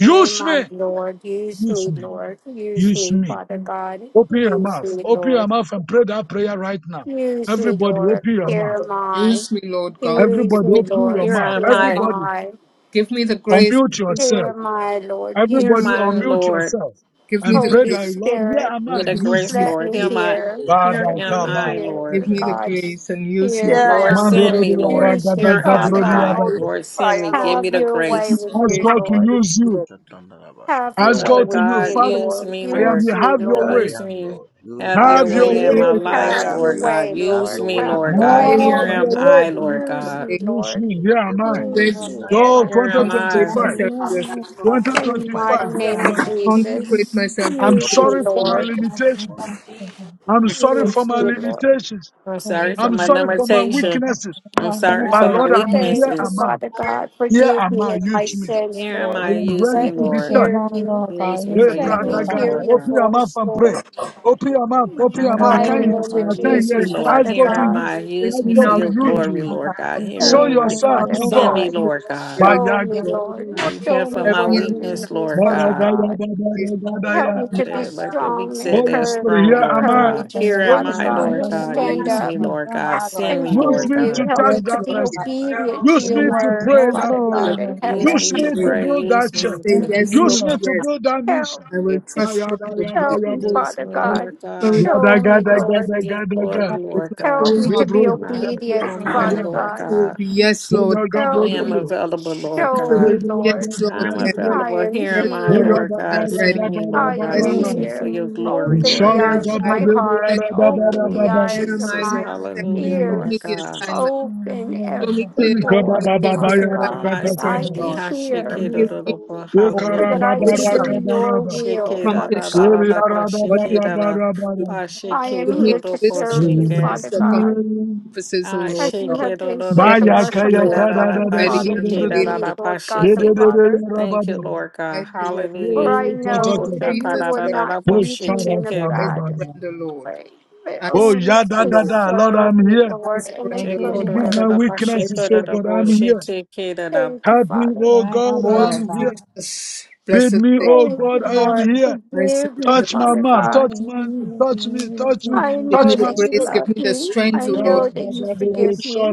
here am I, me. Lord. Use Use me, me. Lord. Use Use me, me. Father God. Open your Use mouth. me, Open your Lord. mouth and pray that prayer right now. Use me, Everybody Lord. open your Lord, mouth. Here am I. Use me, Lord God. Give Use Everybody me me, the open Lord. your Here grace. mouth. am Here am I, Everybody I. Give me the grace. Unmute and Use me, Here yourself. am Lord. I, Lord. Give here am me Everybody Use the, I, me. unmute Lord. yourself give me and the pray Holy grace. that Lord, here Spirit, am Give I, me Give the me the use grace, me. let grace Lord. and me Here am use you, I, hear. Lord. here Let am me Badakaba. I, hear Lord. Give me the God's. grace and use Here you. am Give Yeah, I, Lord, I am, Lord. send Lord. me, Lord. Use me, Here me Touch am Father my I, God. mouth with Mandedodoyaragadazabrodiadada. the Lord, send me. fire, Give Lord. me Have I the your can way speak the grace. with Ask me, grace God to Um, Lord. and use use you, you. Lord. Rashatandarabasha. Have your Ask way Father God to with you, me, God, Father. use Lord. me, I am Lord. Use here. me, Have Here your I Lord. way. Use am, me. Lord. Use Have me, your Have Have your way your mighty. in way my with way. me life, Have your Lord God. way, Have Use your Lord. me, way in Have my Lord your Have your life. God. way, way I'm with Amen. Here Have you, Lord. am available your Lord. way. I, Lord Use Your God. me, way. Use Lord. me. for Here am I whatever I. you pledge Use to me, Hallelujah. design Here for am Lord, I, Lord. me. Here am Lord. I. consecrate Send 2025. me, myself to I Father your God, service. Hallelujah. Lord. I In want the to Use find me, 2025. mighty Father Here myself name am God, I. of I Lord. In Hallelujah. consecrate Jesus, and myself the to your I'm use me, purpose sorry service, of for my what Lord. Lord. the you name call limitations. me Lord, of for. Jesus, Lord. I'm God. I sorry And for Use the my me, name consecrate. of Lord. Jesus. limitations. I'm Thank sorry you. for I'm my I'm sorry sorry. for my limitation. weaknesses, I'm sorry but for Yeah, my Lord, I'm limitations. thank you, here. Thank Give you, me Am weaknesses. I? what Father Lord. God. Here Forgive am me I? of my Use you me. recognize my sins, Here am Lord. I deserve I. am there. Use ready me, Let to me be Lord. Sorry. Your touched. hear man, you. Lord Thank God, Use you me Lord Hey, for use me, your Let Lord brother, me glory, Almighty, I God, hear God. Lord your open God. your mouth voice, and for pray. Lord. Jesus, Father Open forgive God. your me all mouth. In my the Open Now, your sins. God, mouth. I I've don't Can mighty you? want Hallelujah. committed to name of To I before can argue. you. not Use hear victory, me, Jesus, you. Lord. Ask Father to Here God to am God. I. confess. I hear. Use Take Ask me me for God now to change to your your Use my service. use me, way. glory, you. Lord Lord God. God. Lord Use Here me Show am Thank I I. you, for yourself God. submit Father to your to Consecrate Send God. your glory. me, God. me will. with your Lord God. Ba grace, Show ya me, ga Lord de de Lord. I And ya. God. Not Show repent Jesus, for me for the I Help my where me allow you last you. time. need weakness, understand me, Ba Lord ra Father ga God. ya God. ba ba I this. ra am ga da Help available. ya. me we and to Hallelujah. be have There, God. like done the weak strong and said, I Holy they're am curb Spirit, strong, here available. and am Lord Every I. walk God. in courageous, Here your am Holy Father I, name, Spirit, your God, I Lord here am to way, God. am I. Father Yes, stand Use God. Use available. me, up God, me. Lord You're God. my Lord Send and me, God. Use hear Lord Use me me, you. to God. Help use touch me me, to Lord. Yes, that Lord. be Lord God. person. I am obedient struggle to Use your me in Yes, Lord. available. Remove my to word, pray your that Father Your glory, God prayer. in Lord will and God. Use I heaven. me Use your me to thank you, way. to pray. Lord I build God. that Use am I me church. say, available. to I Yes, Lord, Use me to yes. build that Help mission. I me will to Ma trust sh- ya you ba and ya ba obey. help ya me, bo. Yes, use Father me, My God. Lord yes, yes. spirit God. Ya da Show ga me, da Use ga me Lord. for da ga your da ga. glory, Thank with Lord my God. you, Help me whole Lord Me God. to heart I bro be Here ga will I da pray. am am da I, obedient, ya am available. ba I And Father ya. my Lord God. answer will God. be yes, Bo Lord, ya yes. ga I bo Help do am me. yo. available, My Lord Show answer Ye God. me, will do be ya Lord. da yes, da Lord, ya I'm da yes. da. I available. am Here Yes, am I, Bo Lord, ya here. yes. Lord da I ba God. am, I'm ra Send ba ready. me, ba ra I Lord ba am God. Yes, ba Lord, ra. Use Glory, me for here. yes. your glory, glory, Bo Open glory. sha Lord the Here ra am eyes ga of God. I, ba my de Lord. do ya Send heart. ra ba ba Open ra the ba Hallelujah, ba. me. Here eyes am of I, Jesus. Lord. my Send me. Hallelujah, Give Mm. Lord me the ears. God. assignment. Open Hallelujah, Show every me Lord. Ni clearly Ka ba the door, ba ba nature of Hallelujah. ba the Father ya I Here ra assignment, am am. ka God, I. O ta that Lord ka I Send ba. me. can God. ha hear And give Hallelujah. me Oh, all mighty so the that God. Hallelujah. I can Hallelujah. do wisdom Shake- your Yekarababarabaraba. to will, Father accomplish God. shake-da-da-da-da-da-ba. what you have sent Shake-da-da. Yeriyarababarabaraba. me to I Hallelujah. do. am Give me here the to Ba-shake-da-da-da-ba. wisdom serve and the shake you, da da da grace Thank Father to you, accomplish God, Jesus. purposes, O Ah, Lord as you shake God. have it, oh, been no, Here, no, such a oh, I shake am, it, Lord, merciful, ah, da, da, da, loving ba, I Father shake am to it, Bayakayakaradadadadadada. da, da, me, available. da, ba, Lord God shake the it. Father. Yedededededababa. Thank you, Lord I God. surrender, For Hallelujah. Lord. I Oh, All to Eko, totota. know that shaka, you Jesus, da, will da, blessed da, not da, ba, Oh, leave Savior. me shake in a it. I bad. charakabababa. surrender, Lord. way, but I Oh, only to surrender, Lord. yadadada. Lord, serve I'm you, here. I Lord, in a Thank surrender, Shake, you, oh, Lord. good da, da, Forgive way. Jesus. da, my da, ba, I shake weaknesses, it, da, oh da, God, surrender, ba, I'm Lord. shake here. it, da, da. Thank you, Help me, Father. For oh I God, am All I to Lord am God. here. Jesus, blessed Bid me, Savior. oh Thank For you, God, I I am am Lord. Jesus. here. I Forgive me, surrender, Touch my Lord. Father mouth, God. touch Hallelujah. my, touch me, Glory, touch me, I glory, Give me know touch the my that glory. you grace, soul. give love me the me. strength, I Oh, O Lord know hallelujah. Hallelujah, that you forgive God. Jesus. me.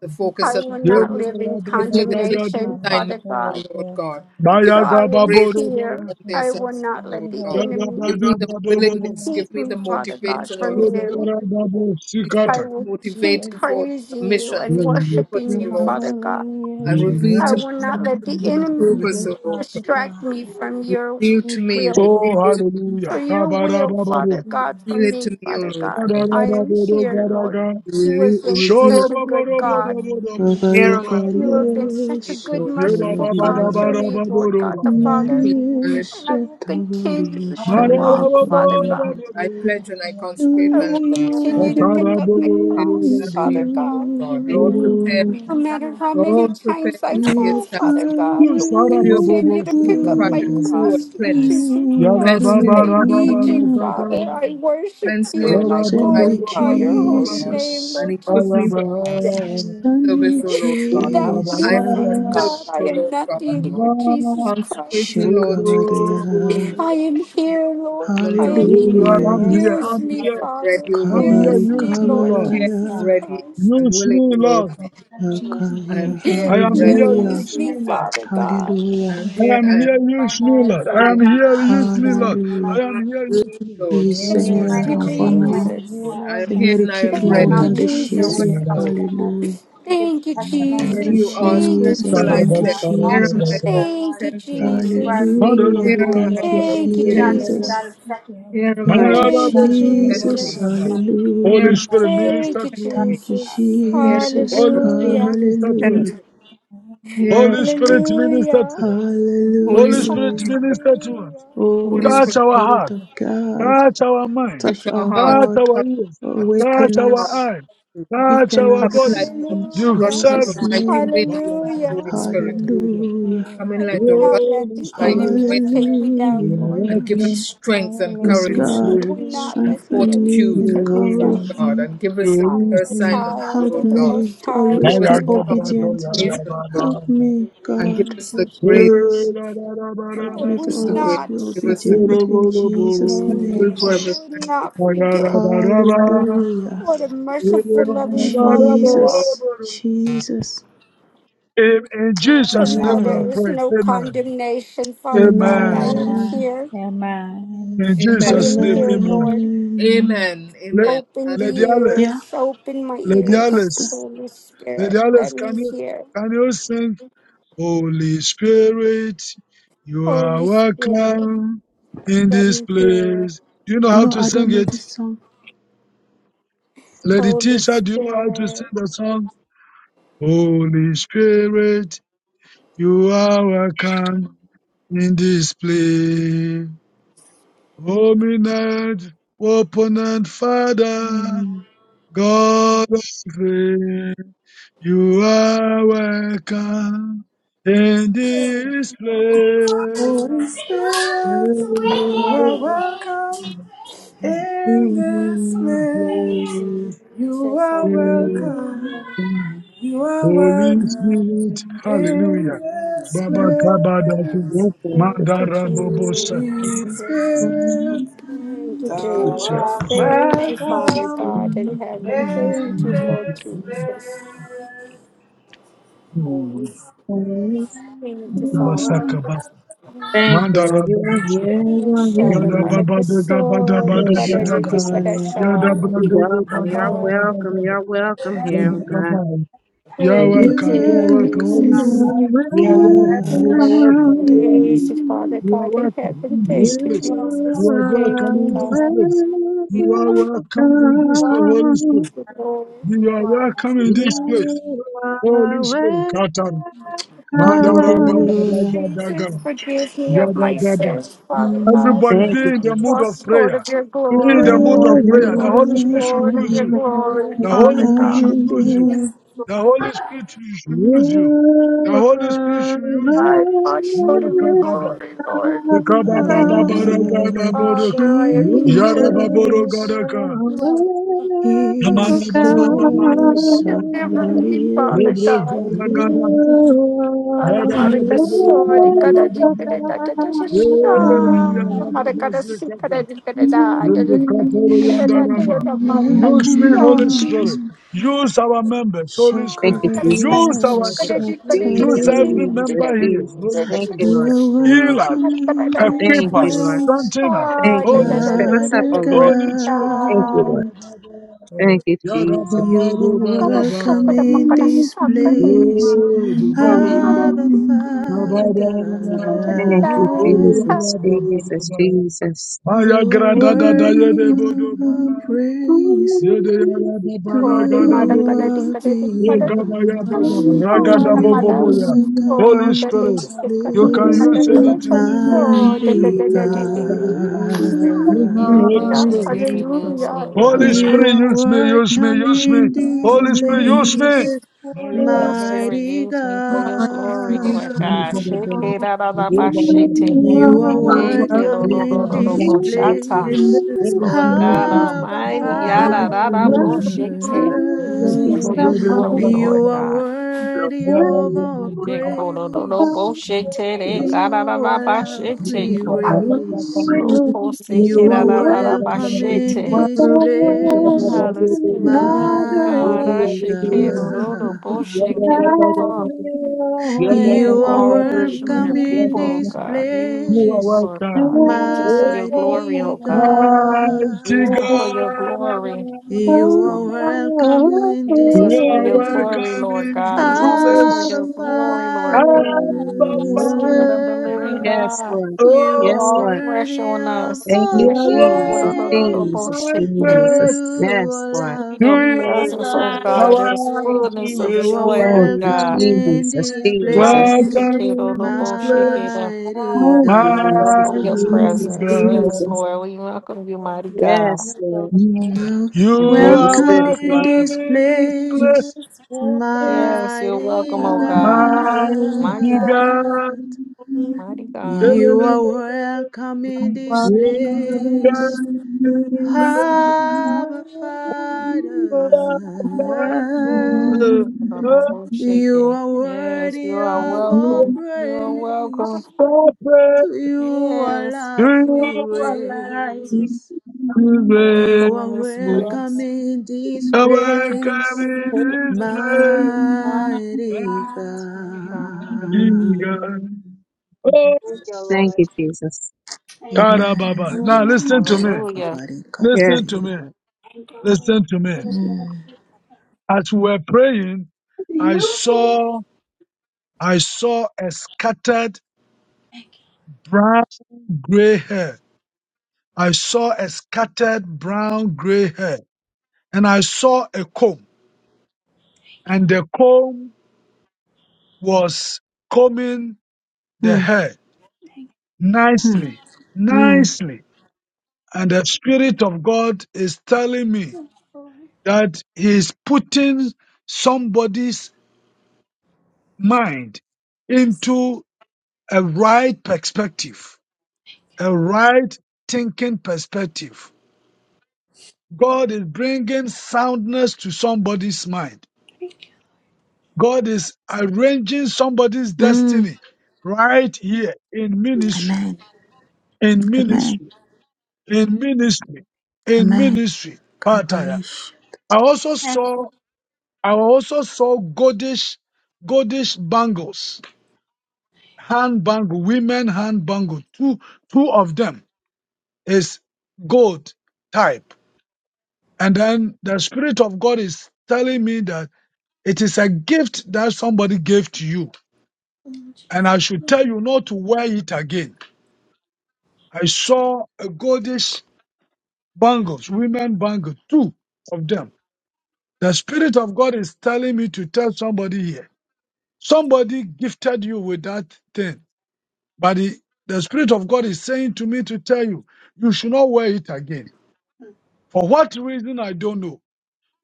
the Thank I focus you, of will Jesus. the not current. live in Give Hallelujah, me the For clear the condemnation, Father to Father assignment, do your O God. Lord will. God. Give Okay. So I me the am grace to here. Thank perform the you, I will assignment, Jesus. not O let Lord the God. Hallelujah. enemy Give me the willingness. Hallelujah. Give keep me the Thank me, Father you, God, motivation, O from Lord God. you. Jesus. Be strongly I will You're keep motivated for faithful. the praising you mission, and for the purpose, worshiping O you, Lord Father God. God. Hallelujah, And reveal Jesus. I to me will not let the the enemy Thank purpose, you, O Lord God. Father distract God. me from your Reveal to Thank you, me, reveal will. Lord God. to Thank me. you, For your will, thank Kabarabababu. Father you, God, Lord for Reveal it God. to me, me, O Father Lord God. God. Thank I you, am here, Kadarababodogaraba. Lord. You Reveal have been reveal it such to a good God. Hallelujah, me, Jesus. O Shoroboborobodobodogaraba. my You Avaricaria Lord. have been Hallelujah. such a O good, merciful God Thank Satavaria to you, Lord me, God. Lord God the Yerababababababababa. Every Father. single Lord Maria God. And I person. will Satavaria continue to walk, Hallelujah, Father Jesus. Shaliakova God. I Thank Mayarababababababa. pledge and you, I Lord God. Show consecrate I my life will me to Lord. your you. continue to Hallelujah, pick Atara up my buru This Jesus. buru Hallelujah. cross, is face, up to you, Father buru Lord God. God. Lord, Lord prepare buru. me. No matter Hallelujah. how many Lord, prepare times me I to be a Your fall, Father sanctuary, power God, I will Yusara pure, babu continue to Thank bostu you, holy, pick up tried my and kaka. Lord true, and cross, Lord cleansed. Jesus Yara Cleanse Christ. me baba of all I God. raba need bara you, and unrighteousness, grace. O kaka. Lord Father. God. I worship Cleanse me you of and Yara all I Hallelujah. Send babu me unrighteousness, glorify bara your O holy Lord God. bara. Jesus name, And Lord equip me Jesus for Ayaba every Christ. promise Hallelujah. Send me service, O Lord God. buru bara Without I bara. you, am your Father Thank servant, God, Jesus I O am Lord you, God. nothing, Lord Jesus Consecrate thank Christ. me, you, Buru Lord, to Father. your God. service, Shakavaria buru. I O Lord am God, to your here, Lord. servant, I O am Lord Buru. God. here. Hallelujah. Hallelujah. Yes, Use Lord Here me, God. I'm Father. ready, O I'm Lord God. here, I'm here, I'm Kabari Use here, me, use me, Lord Lord. Hallelujah, Here Jesus I'm God. kabalaya. ready and Christ. <clears throat> I'm Use willing, O me, Lord Lord. God. Send me, Lord. Jesus, I am Yakaya. <laughs> yes, we here, I I'm am thank ready. here, you. Hallelujah. Use use me, me, Dear Lord. God. Father God. I Hallelujah. am I here, am I am here, Hallelujah. My use me, Lord. hands, I am willing. here, Use use me, God Lord. in the I Hallelujah. mighty name of am here, Use use me, Jesus. me. Oui, Lord. Use Use Holy my Yes, Seigneur, Thank you, Lord hands, God. use me, I my envoie-moi. use me, am feet, here, Jesus. Lord. God. I Lord am here God. Seigneur, Thank and I am Use you équipe-moi my for au Thank ready. mouth you, nom your to de speak your glory, Use word, Jésus. Jesus. Lord. me, Father Lord. God. Hallelujah. And give Thank you, Thank you, testimonies Thank When of you, you Jesus. Lord ask, God. Thank you, whom miracles, Jesus. shall Thank I Father you, Thank you, send? Lord God. And Jesus. all Here that am God. you I, Jesus. have Lord. Thank done, Thank Lord, you, you, Send me. that Lord you are Thank a Jesus. faithful Here Hallelujah. am God. I, Thank you, Lord. Thank you, You're not Send just me. a Jesus. God of Jesus. second you, Here Lord am chances, I, Lord. Thank God. Lord. you, You're the Thank you, God of many Send Jesus. me. chances, Jesus. Father God. Lord, Here Hallelujah. Hallelujah. am Spirit, I, Lord. You are a Thank minister you, faithful, to Send us. me. loving Thank you, God. Jesus. Here Thank am you, Yes, you. are. I, Jesus. Lord. Holy Spirit, Hallelujah. minister to Send us. Hallelujah. me. Here am I, Holy Hallelujah. Lord. Spirit, minister Hallelujah. to us. Thank you, Holy Holy Lord Spirit, Spirit, you are Hallelujah. God. welcome. minister to us. Hallelujah. Holy Oh, Touch Spirit, Yes, our Spirit heart. of you. God, Touch our mind. touch touch our our hearts, Touch heart, our touch ears. our hearts, touch Touch awaken our hearts. our us, eyes. Yes, Touch quicken our Coming body. like us the in Yes, Do God. Hallelujah. rushing serve Father of Jesus' a God. mighty name. wind, Hallelujah. Holy Spirit. you. Hallelujah. Hallelujah, Coming I like would the rushing not let Holy the of a mighty Spirit, enemy wind, take me down, you are Lord. and Hallelujah. give us welcome strength and in Yes, this courage I God, Jesus. place. would not and let the strengthen me, enemy fortitude, Thank take you, me Lord down, encourage Holy Jesus. God, Lord. me, and give us the I clear am a Spirit. assignment, child help of Lord the God, Hallelujah. me Most to High and give always us be the Living God. strong Thank you, obedient. Lord, motivation, Lord, Help me, and give God, thank us you, the grace, Jesus. please. Hey, Help I Thank me to would give you, us the always grace, Father. be not, give us the grace. obedient in Jesus' We name. Hallelujah, will I forever Jesus. would thank you. not forget Yes, God. Hallelujah. what We a will merciful, forever give loving you. Father you Hallelujah. glory. are. Jesus, Jesus. In in Lord, But Jesus' now name we have there Amen. is prayed. no Amen. condemnation, Father God. I Amen. am Amen. Amen. here. Amen. In Amen. I Jesus' am name, here, amen. Lord. Amen. Amen. Le- Amen. Open the Lady Hallelujah. Ale- Yeah, ears, open my Lady yeah, ears. Pastor. Alice. Holy The Spirit, let others, can me you, hear. can you sing? Holy Spirit, you are Holy Spirit, welcome in let this me hear. place. Do you know how No, to I sing don't Amen. know it? this song. Lady Holy Tisha, do you know how to Spirit, sing the song? Holy Spirit, you are welcome in this place. Hominid, open and Father, Hmm. God of faith. You are welcome in this place. Holy Holy Spirit, you are welcome in this to place. You Jesus, are Amen. welcome. hallelujah. You are Yes, welcome Spirit, in hallelujah. this Baba Kabadatu, place. yes, yes. Thank you, Mandara Bobo Sakuchi, Holy Jesus. Spirit, Thank you, Lord, thou Lord, Jesus. art Thank you, Father welcome God in heaven. Thank in you, Lord this Jesus. place. Holy Thank you, Father. Basaka Bas, Thank you, Mandara Lord. You are Bobo here. Saka, You are here, Shara Yada Lord. Baba Bada Bada Marakaso, Hmm. Bada Thank you, Bada, Riparaji Jesus. Shakabaria. Parashara, Yada Brada You're welcome. Bada You're Bada welcome. Bada You're and welcome here, everyone oh God. Ba-ba-ba-ba. You're Thank you, We You welcome. You're welcome. welcome Holy Jesus. on Spirit, you, are homes, you're God, wherever welcome. God. we're at, You're welcome. Praise Shakabaria. you, welcome. Father You're welcome You are God in welcome heaven. in You this Thank you, place. Lord, help You Jesus. are Thank are welcome you, in this God. place. we You are welcome, welcome in we this place, welcome Holy Thank welcome. Spirit. you, Lord. You to are our homes. welcome in this place, You Holy are Spirit. welcome. Katan. Mandara Thank you, Hallelujah. Baba Jesus. Daga. Forgive me of Yada my Gada. sins, Father Hmm. God. Everybody be Thank you, in I've the mood of lost Jesus. short prayer. of your In Be in the glory, mood of Lord. I've prayer. The lost Holy Hallelujah. Spirit this should short of use your room, you. Thank you, glory, The Lord, in Holy Father my Spirit God. should use you. dreams, Hallelujah. Lord. The Holy Spirit should You Thank use you. The Holy Spirit are should use you. I've lost short of your welcome. Mayakababa. glory, Lord. I But I am here, am Ikababababaragadaboroku. Father. I am You here. Jesus, Yarababorogadaka. You are welcome to the church Jesus, are Deliver Yamanababababaragadabara. me, welcome. Sakabariye Father God. Thank you, Lebrozaragadaba. Shalia. Aramarika sori kada Yarababababarabababa. dikere da da da da sha. Eh, Hmm. Aramarika da si yarababazekata. kada and dikere da da da kada Zindikatoro the dikere open da da da yandaraba. da ma ka Use me, Welcome in sha. Holy this Spirit. of Use the our members, Holy Spirit. Aramarika Jesus. Use Shakabariya our Glory, jikere church. Lord. jikere Use jikere Jesus, Satale. every jikere member Jesus, jikere here, jikere Jesus. Holy da dikere dikere dikere dikere dikere Thank Spirit. kada you, glory You ma Lord. are to sha. the Heal us, welcome Aramarika da in Amen, da this da Thank equip da you, us, Lord. Lord. place, strengthen us, Thank sha. Thank Da you, da Holy Lord. da da Fill Spirit. us up, da Father oh da Lord. da da Holy Spirit. Thank you, da. Lord. God. Yatarababa, Thank you, Lord. you, Jesus. You Ah, the are cover yarababadobadaba, shop welcome of the in Makata this Saka that place. Shari odibada, Abba Madhavadi Thank babada, Father, Kadadi you, Jesus, Jesus, bodobadabadaba. Jesus. Maya you're What worthy of our praise. To Sorry, Mother Yedeyarababaragadabo, you Kadadi are Kadadi Mother belong. Ogabayababa, How great Shana You are Mother ragadaboboboya. welcome Holy So in the Spirit, this Lady you are you Kadadi can in place, Mother use Kadadi the anything, Lord. So the Use mighty me, God. use me, Dadadi Holy Spirit, you use can me, God. use Holy Hallelujah, place, anything. Spirit. You mighty can hallelujah, use me, Holy Lord. hallelujah. God. You Spirit, are use me, use me, welcome use me. in this Holy Use Spirit, me. In use this me. place, place, Holy Maragabara, Spirit, mighty use God. me for your glory, mighty Lord God. Shake Yenikababa, it, God, da, da, da, ba, shake it. You Yebayabababa, are you Shake are it, oh, welcome no, no, in no, no, welcome this ba, Yekabababa. shata. in place, this Holy Lord Spirit, use God me. place. Abba Almighty, yada Holy Spirit, yada use me. bullshit. Our is Use me Father. for Father, your glory, Lord You are Mr. God. worthy You are of our welcome. And kodo do do praise. bullshit. To Tada the you da da our love bullshit. we raise. No bullshit. You Tada are da da da welcome in bullshit. this welcome place, in this Ah, the spirit of the living God, I mighty shake do do place. do God. bullshit. Tada da ba. You are All fresh on your welcome in people, oh this God. Use them, place, Lord God. Use them for your Yes, glory, mighty oh God. This day, mighty Use them for your God. all of God, glory. oh, Use You are them. welcome in Use this us you for are your glory, place, welcome things Lord in God. you do, this you Use us for place. Abba your are, you are. glory, Lord God. Abba, Father. Spirit of the living Father. Oh, Yes, God, Lord. You oh are Yes, fall Lord. fresh worthy on of us. Thank You all you, oh, are Jesus, oh, oh, worthy of praise. Jesus, my oh. To praise. Jesus. you, Yes, all You Lord. love Your we To presence, you, oh alive God, raise. our there's today. fullness of You are adoration. joy, Thank Lord you, God. welcome in Jesus, this I Welcome Jesus. as place, Welcome in this mystery. place, mighty Thank you, God. Jesus, welcome your Welcome mighty Jesus, presence. Yes, God. Jesus. Lord, we welcome you, mighty God. Yes, Thank Lord. you, You Lord. You The Holy are welcome Spirit Hallelujah. is in welcome. welcome this in this place, place, Yes, Lord, to Yes, you're welcome, mighty oh I God. will mighty Mighty, bow God. God. mighty God. You are welcome in this We can down. place, just Abba Hallelujah. Father. the You alive today. Baba shake You it. are Yes, you worthy are of all You welcome. You are welcome. praise. are praise To you our Yes, to love you. we raise. you are Today, You welcome are in this Welcome welcome place. in this how I come place, as in this this place, life. thank mighty Thank Um, you, God. God. Oh, you, Lord. Thank you, Jesus. God, Thank you, Amen. Now Lord. listen to me. Thank hallelujah. Shakabari Yes, Listen to me. Kataria. you, Lord. Listen to me. Mm, As we were praying, I saw, I saw a scattered Thank brown gray hair. I saw a scattered brown gray hair, and I saw a comb, and the comb was combing the mm, hair. mm, nicely, mm, nicely. And the Spirit of God is telling me you, Lord that He is putting somebody's mind into a right perspective, a right thinking perspective. God is bringing soundness to somebody's mind. God is arranging somebody's mm. destiny right here in ministry, Amen. in Amen. ministry, in ministry, in Amen. ministry. Kabarish. I also saw I also saw goldish goldish bangles, hand bangle, women hand bangle. Two two of them is gold type. And then the spirit of God is telling me that it is a gift that somebody gave to you. And Jesus. I should tell Lord, you not to wear it again. I saw a goldish bangles, women bangle, two of them. The spirit of God is telling me to tell somebody here Somebody gifted you with that thing, but the, the Spirit of God is saying to me to tell you, you should not wear it again. For what reason, I don't know.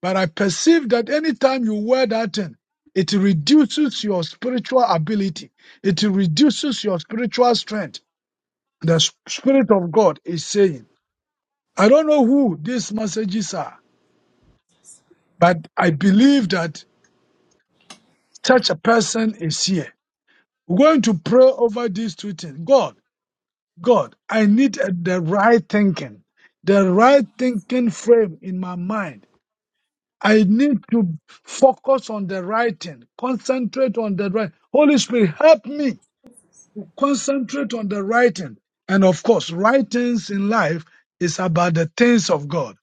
But I perceive that anytime you wear that thing, it reduces your spiritual ability. It reduces your spiritual strength. The s- Spirit of God is saying, I don't know who these messages are, but I believe that such a person is here. We're going to pray over these two things. God, God, I need uh, the right thinking, the right thinking frame in my mind. I need to focus on the right thing, concentrate on the right. Holy Spirit, help me to concentrate on the right thing. And of course, right things in life is about the things of God.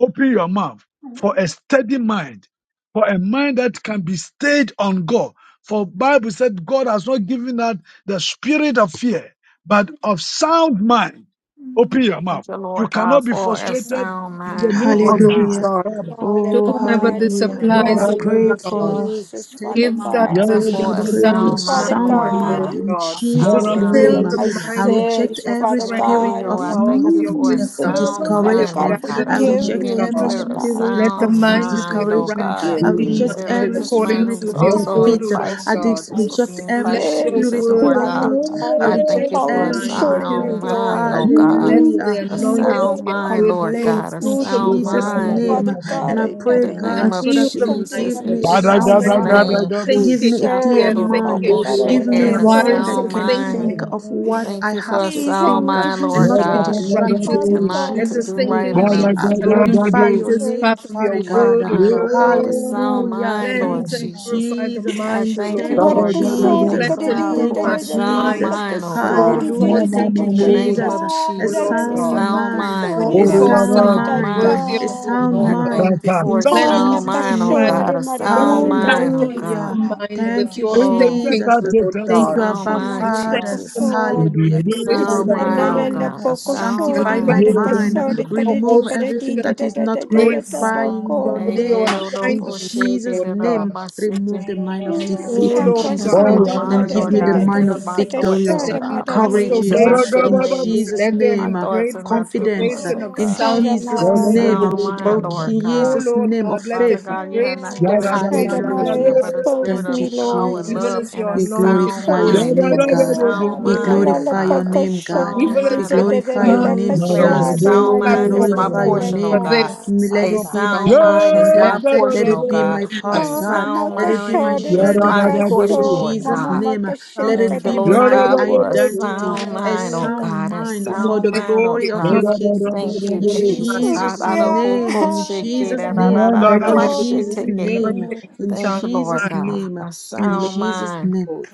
Open your mouth Thank for you, a Lord. steady mind, for a mind that can be stayed on God. For Bible said God has not given us the spirit of fear, but of sound mind. Mm, Open your Thank mouth. you, You Lord God, cannot be I'm for a holding on. frustrated sound in the mind, name O Lord of Lord Jesus. God. Hallelujah. God, Father to Oh, whomever God, this in hallelujah. the Hallelujah, I applies, Lord O mighty name pray God. of Lord God, for Jesus, steady Father give that mind. God, Asking person I for a a Jesus. pray for sound sound Father mind, mind, sound Get Lord out of O God. my Lord mind God. in God. heart. My heart, Jesus' Sound Forgive me mind. my Fill name. of heart, Lord, the my I mind with reject sins, my your every Father heart, strength, with my spirit God. Hallelujah. heart. Oh, your of, I power, thank with of, you your for a of Forgive wisdom, My me, sound son. with Father your mind, God, discouragement. Lord God. I I guidance, My O forgive decree reject Lord and me, every God. declare Father a God. spirit Let the son. of sound mind be a mind, oh Hallelujah, Jesus. Thank you, discouragement. right God. I Forgive me, thinking So reject Lord mind let in every this Jesus mind accordance spirit who's with of your also in word, O defeat. Christ, Lord Christ I you're God. dis- for so Father. my Jesus will be reject in every Let Christ your spirit sins, Jesus, of word Lord bad Father God. <laughs> thought. Thank I God. you, I thank Jesus. reject pervade you the for a Falling every Father. mind, short O of your sound Lord spirit, God. Hallelujah, mind, glory, Jesus. oh Lord God. Let In the Jesus hallelujah, the neck, A Thank you, Father. anointing I of of Christ. sound your Thank mind, word Lord you, flow God. complaints A in through the Father. sound Thank good. you, Jesus' mind, O And mind Lord name. Father God, And God, Father, I I Jesus. know in pray, the that Hallelujah, you name God, are and of so a heal Jesus. that you the can Thank mind merciful Jesus. give you, In me and loving Lord. a give the Thank sound Jesus' Father, mind and I right mind, name. want to give thinking Thank me a and clear serve clear you, mind, thinking Father God. I give Shakodododoboshe, want to me get a and A serve mind wise that sound you can mind. think thinking, of what Thank I you for have a to Please help sound think me uh, to mind, be and Lord not be God strong, righteous. distracted Father a in mind Let God. to the do Jesus' right name. thinking and Be a be I strong. along the glorify your righteous name, path of your to Father right God. word, O mind, oh Lord God, God. a sound Hallelujah. mind, Lord Cleanse Thank you, and Jesus. purify the Jesus. I mind, O thank you, Lord Thank you, God. Lord God. Marakasori I Jesus. Cleanse cry and out kadadi Thank for you, purify a the sound dadadadadada mind Jesus. mind, oh of all God. pakasori Hallelujah. thoughts dadada that Thank you, In the pakata are not of name you, Jesus. of A O Lord Jesus, a dadada sound God. sound you, mind Of mind, all pakasori oh a Father. Thank God, you, a thoughts that Jesus. sound are sound not mind, namakatata. worthy The mind. of a you, O sound Lord I mighty God. mind thank you for a in Cleanse and sound Jesus' mind, oh purify name. Marakasori the God, a mind sound marakasi and mind, oh kadadi. strengthen God. Hallelujah. the mind with Thank you, your Oh, thinking, Jesus. O take Lord a Thank you, do God. sound Abba Shama mind, And do mama strengthen Father. the Jesus. mind with kaso. your Hallelujah. A Purify sound my La wisdom, O la mind, oh la Lord mind. la God, a poco sound and shori Sanctify mind. my mara strengthen the mind. kaso mind de with do. your di all Remove kare di everything da sufficient that da is da da not da da da grace boko. glorifying for your all name of Anything your name. In assignments, O Jesus' Lord name, God. remove the mind of So, defeat O that in would Shaka Lord Jesus' Oh, hinder God, name my sori and mind, mara give Lord me da the God, da da mind hinder of di my kada thoughts, let victorious oh shara there be God. mara My di. ways are courageous uh, not your in restoration. ways. Jesus' Let there My be name. uh, thoughts great are not your Confidence uh, thoughts, restoration oh of Oh, in God. sound mind. Jesus' A Shaddamai. name, uh, sound mind, oh Lord in O God. Jesus' Lord name of God, let there Father faith. uh, be God, you have great not Oh, given me a restoration, spirit of Shaddamai, fear, Hallelujah. but a spirit expose Thank of you, me, Lord. power, even Jesus. love, Thank as and your a We you. anointing sound glorify Expose your flows me, mind. for name, this, A God. Lord. Ah, sound Hallelujah. We La la Thank mind, la you, oh la glorify Father. your God, a name, God. bakasho. God. sound even Di We as mind. da I your da da glorify decree da your and da Um, name, anointing declare a flows Jesus. kasada on our ma sound We la mind la platform is la my glorify la your la portion, oh for name. God. thank this, you, ka. Father. Let A Lord it be God. my God. sound mind portion, is Let my God. there Let be portion, oh it be Thank God. my you, A part, Jesus. Mara God. sound Let it be my mind makashara Hallelujah, de Share is de my Jesus. God in portion, kaso, Lord Jesus' mama God. name. Let Bless makashika it Thank mind you, be da thy de Lord de. my God, name. for a identity, sound a mind, oh Hallelujah. sound God, a Thank mind Let you, for sound the Jesus. there mind, be oh glory the of your God. kingdom. Thank you, In Jesus. anointing. Hallelujah. Jesus' for Yeah, God. name, in la Jesus' la la name, la Let in there be Jesus' oh. the Ha-da-da-bo-ko-she-ke-da-da-da-da-da-da-ba-she-te-ke. name, anointing for in Thank sound you, Lord Jesus' God, minds. name, a O in Lord sound Jesus' mind. name. God.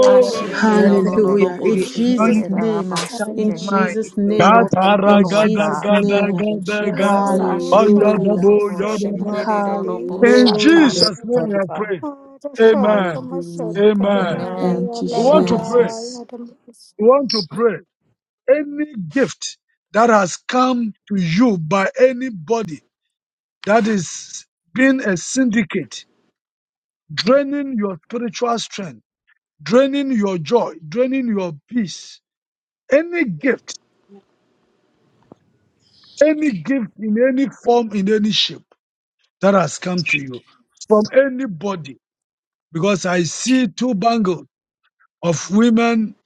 Lord, in the Jesus. Hallelujah, Let mighty there Jesus. be name Hallelujah. of In the Jesus' Jesus. anointing name, for sound in Hallelujah. Jesus' minds. O name, Lord God. Thank you, Gatara in Lord gada Jesus' God. gada name. Thank you, gada Let gada. Jesus. there Hallelujah, ha be the Oh, she shut ke the do Hallelujah. Jesus. do Ayadabo bo she kasore anointing, ke yadaba. do do madakadadi. bo In sha O Hallelujah. Lord Hallelujah. Jesus' name we God. have Father. prayed. Shara Amen. kama Hallelujah. sore Amen. kadadi. Amen. Amen. La Thank you, la We want to Amen. Amen. pray. Jesus. la la. We want to pray. Any gift that has come to you by anybody that is being a syndicate, draining your spiritual strength, draining your joy, draining your peace, any gift, any gift in any form, in any shape. that has come to you from anybody because I see two bangles of women,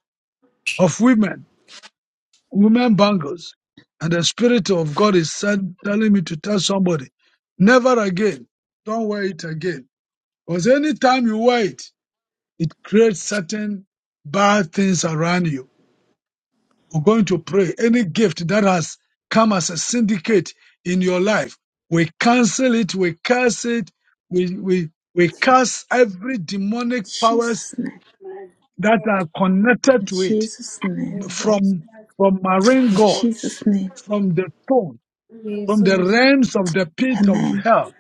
of women, women bangles. And the Spirit of God is said, telling me to tell somebody, never again. Don't wear it again. Because anytime you wear it, it creates certain bad things around you. We're going to pray. Any gift that has come as a syndicate in your life, we cancel it, we curse it, we, we, we curse every In demonic powers Jesus' name. that are In connected to it Jesus' name. Jesus. from, from marine In Jesus' gods, name. from the throne, from the Jesus. realms of the pit of Amen. hell.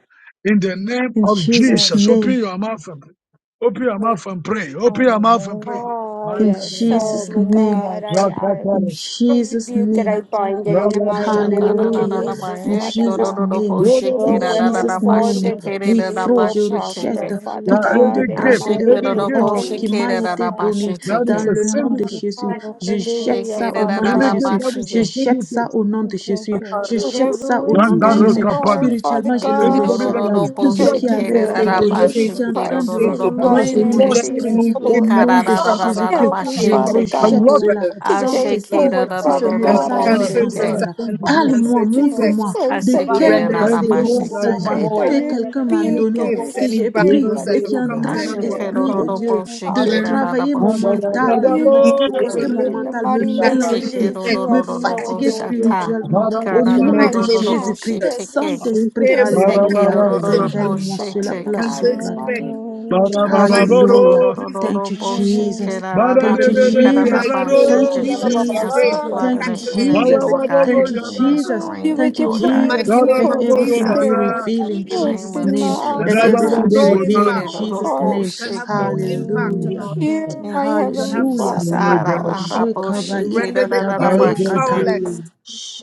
In the name In of Jesus' Jesus. Jesus, open name. your mouth and pray. Open your mouth and pray. Open your mouth and Hallelujah. pray. Oh, In My yes. oh Jesus' my name. God, Hallelujah, I, Jesus. I In Jesus' Thank rebuke it. name. I you, thank you, bind it thank in the you, Shake mighty name of thank Hallelujah. you, Jesus, In thank Father you, Jesus' God. thank name, No, you, no, thank no, No in no, no, weapon you, no, Jesus' no, no, thank formed name, no. you. oui, against me frère, will je prosper, rejette Father Now, toute Hallelujah, Jesus. forme de Any God, Thank in you, the gift, thank bracelet mighty any au- name of you, or gift qui thank m'a you, Jesus. été thank you. donné that dans is a le nom de Namaki syndicate, Jésus. Kuru Je Kushari jette Hallelujah, ça au Father Kuru nom de any God. gift Jésus. that Kusara is Je a jette ça syndicate. au nom de Thank you, Jésus. Je Jesus. jette Hallelujah. Whatever ça au was And nom de that's meant where to Jésus. We, harm, Capada, Hallelujah, Father Spirituellement, God. je le God, anybody Thank that you, rejette. has God. you Tout ce in gifted turn qui to you avait Jesus' été good, name, Lord we donné, thank Jesus chase qui you. est anything, en it. We train Christ, de chase in the it. what drainer mighty is We name mon of reject causing esprit, any Jesus, Hallelujah, au Oh, gift Jesus. Lord. that nom The de has Thank come you, as a Jésus-Christ, Help me, syndicate thank je from Father the a you, thank you, rejette evil thank lot God, you, you. cela. realm. of today problems in blood, Saint-Esprit, your the forward, life? si blood, ce Father the and blood, we God. the message I, me Any blood, Thank cancel the gift you, its that blood. has assignment, thank concerne, come to you, we Father this cancel parle-moi, thank Lord house, its Jesus effects. you, montre-moi thank Christ, you. de I We quel know render that its and the bracelet by effects il Lord of this null God and s'agit faith I void. que Lord. quelqu'un Hallelujah, m'a Any rebuke donné, every Jesus. gifts, que any j'ai spirit pris will bangles that that et is give qui have not of come the to entraîne, Consolo, Lord, our spirit anyone of Esprit from the de consolo, Dieu, Ashikerorobo the de God. consolo. wearing of travailler shikerarabo mon shike. the mental, de Rebuke me evil one, tourmenter mon Satan in the mental, me we Hallelujah, mighty name of cancel its Jesus. mélanger, Jesus. effects, You me have we no Ekerorororobo cancel fatiguer You are its authority Lord, impact. over shata. me. awesome. spirituellement. Au In Touch the our nom de mighty I hearts. name of Ikararororobo Jésus-Christ, cast Jesus, every Touch shiteke. our we Saint-Esprit, hereby spirit. spirit that is not Alléluia, of it Hallelujah, cancel the its to Jesus. Sekerororobo spirit impact, of révèle-moi God cela, in the place shiteka. sur cancel le mighty, its plat de ton mighty effects. name of Hallelujah, In the mighty Jesus. Jesus. name Hallelujah. you. of Jesus, Thank you, Ashikororororobo Hallelujah, Jesus. Yeah. in shikeraraba Thank you, Jesus. the Jesus. mighty shikararaba Hallelujah, yeah, name of Thank God, you, shike. Lord, Jesus, Holy we Jesus. Answer pray the Hallelujah. for the Jesus. plot Spirit. of Thank you, the cancellation Hallelujah, enemy, of Jesus. its Lord God. Thank effects. you, Anything that's Jesus. Fill me drained, Thank with you, your In Lord the God. Jesus. mighty the presence, name Let of Anything, church, Holy Lord Father everything God. God. be Jesus, in the mighty Spirit. revealed As if in In the name of name Jesus' of Open Jesus, my name. Jesus. it Let shall eyes, Jesus. my have I everything Thank be you, no shake, revealed ears, in Father. impact. my you are Jesus' worthy Ashikerorobo It name. heart shall have shike. no impact to on to Hallelujah. Hallelujah, our people. hear my Thank you, It shall Heavenly have no Hallelujah. Jesus. Father impact Ah, ra, be on call great our ra, ra, and upon people. bo, mighty, Jesus. me. We you are shiki, render da, the the da, great Shekabalikata da, da, I ba, evil am, balekata. shiki. powerless.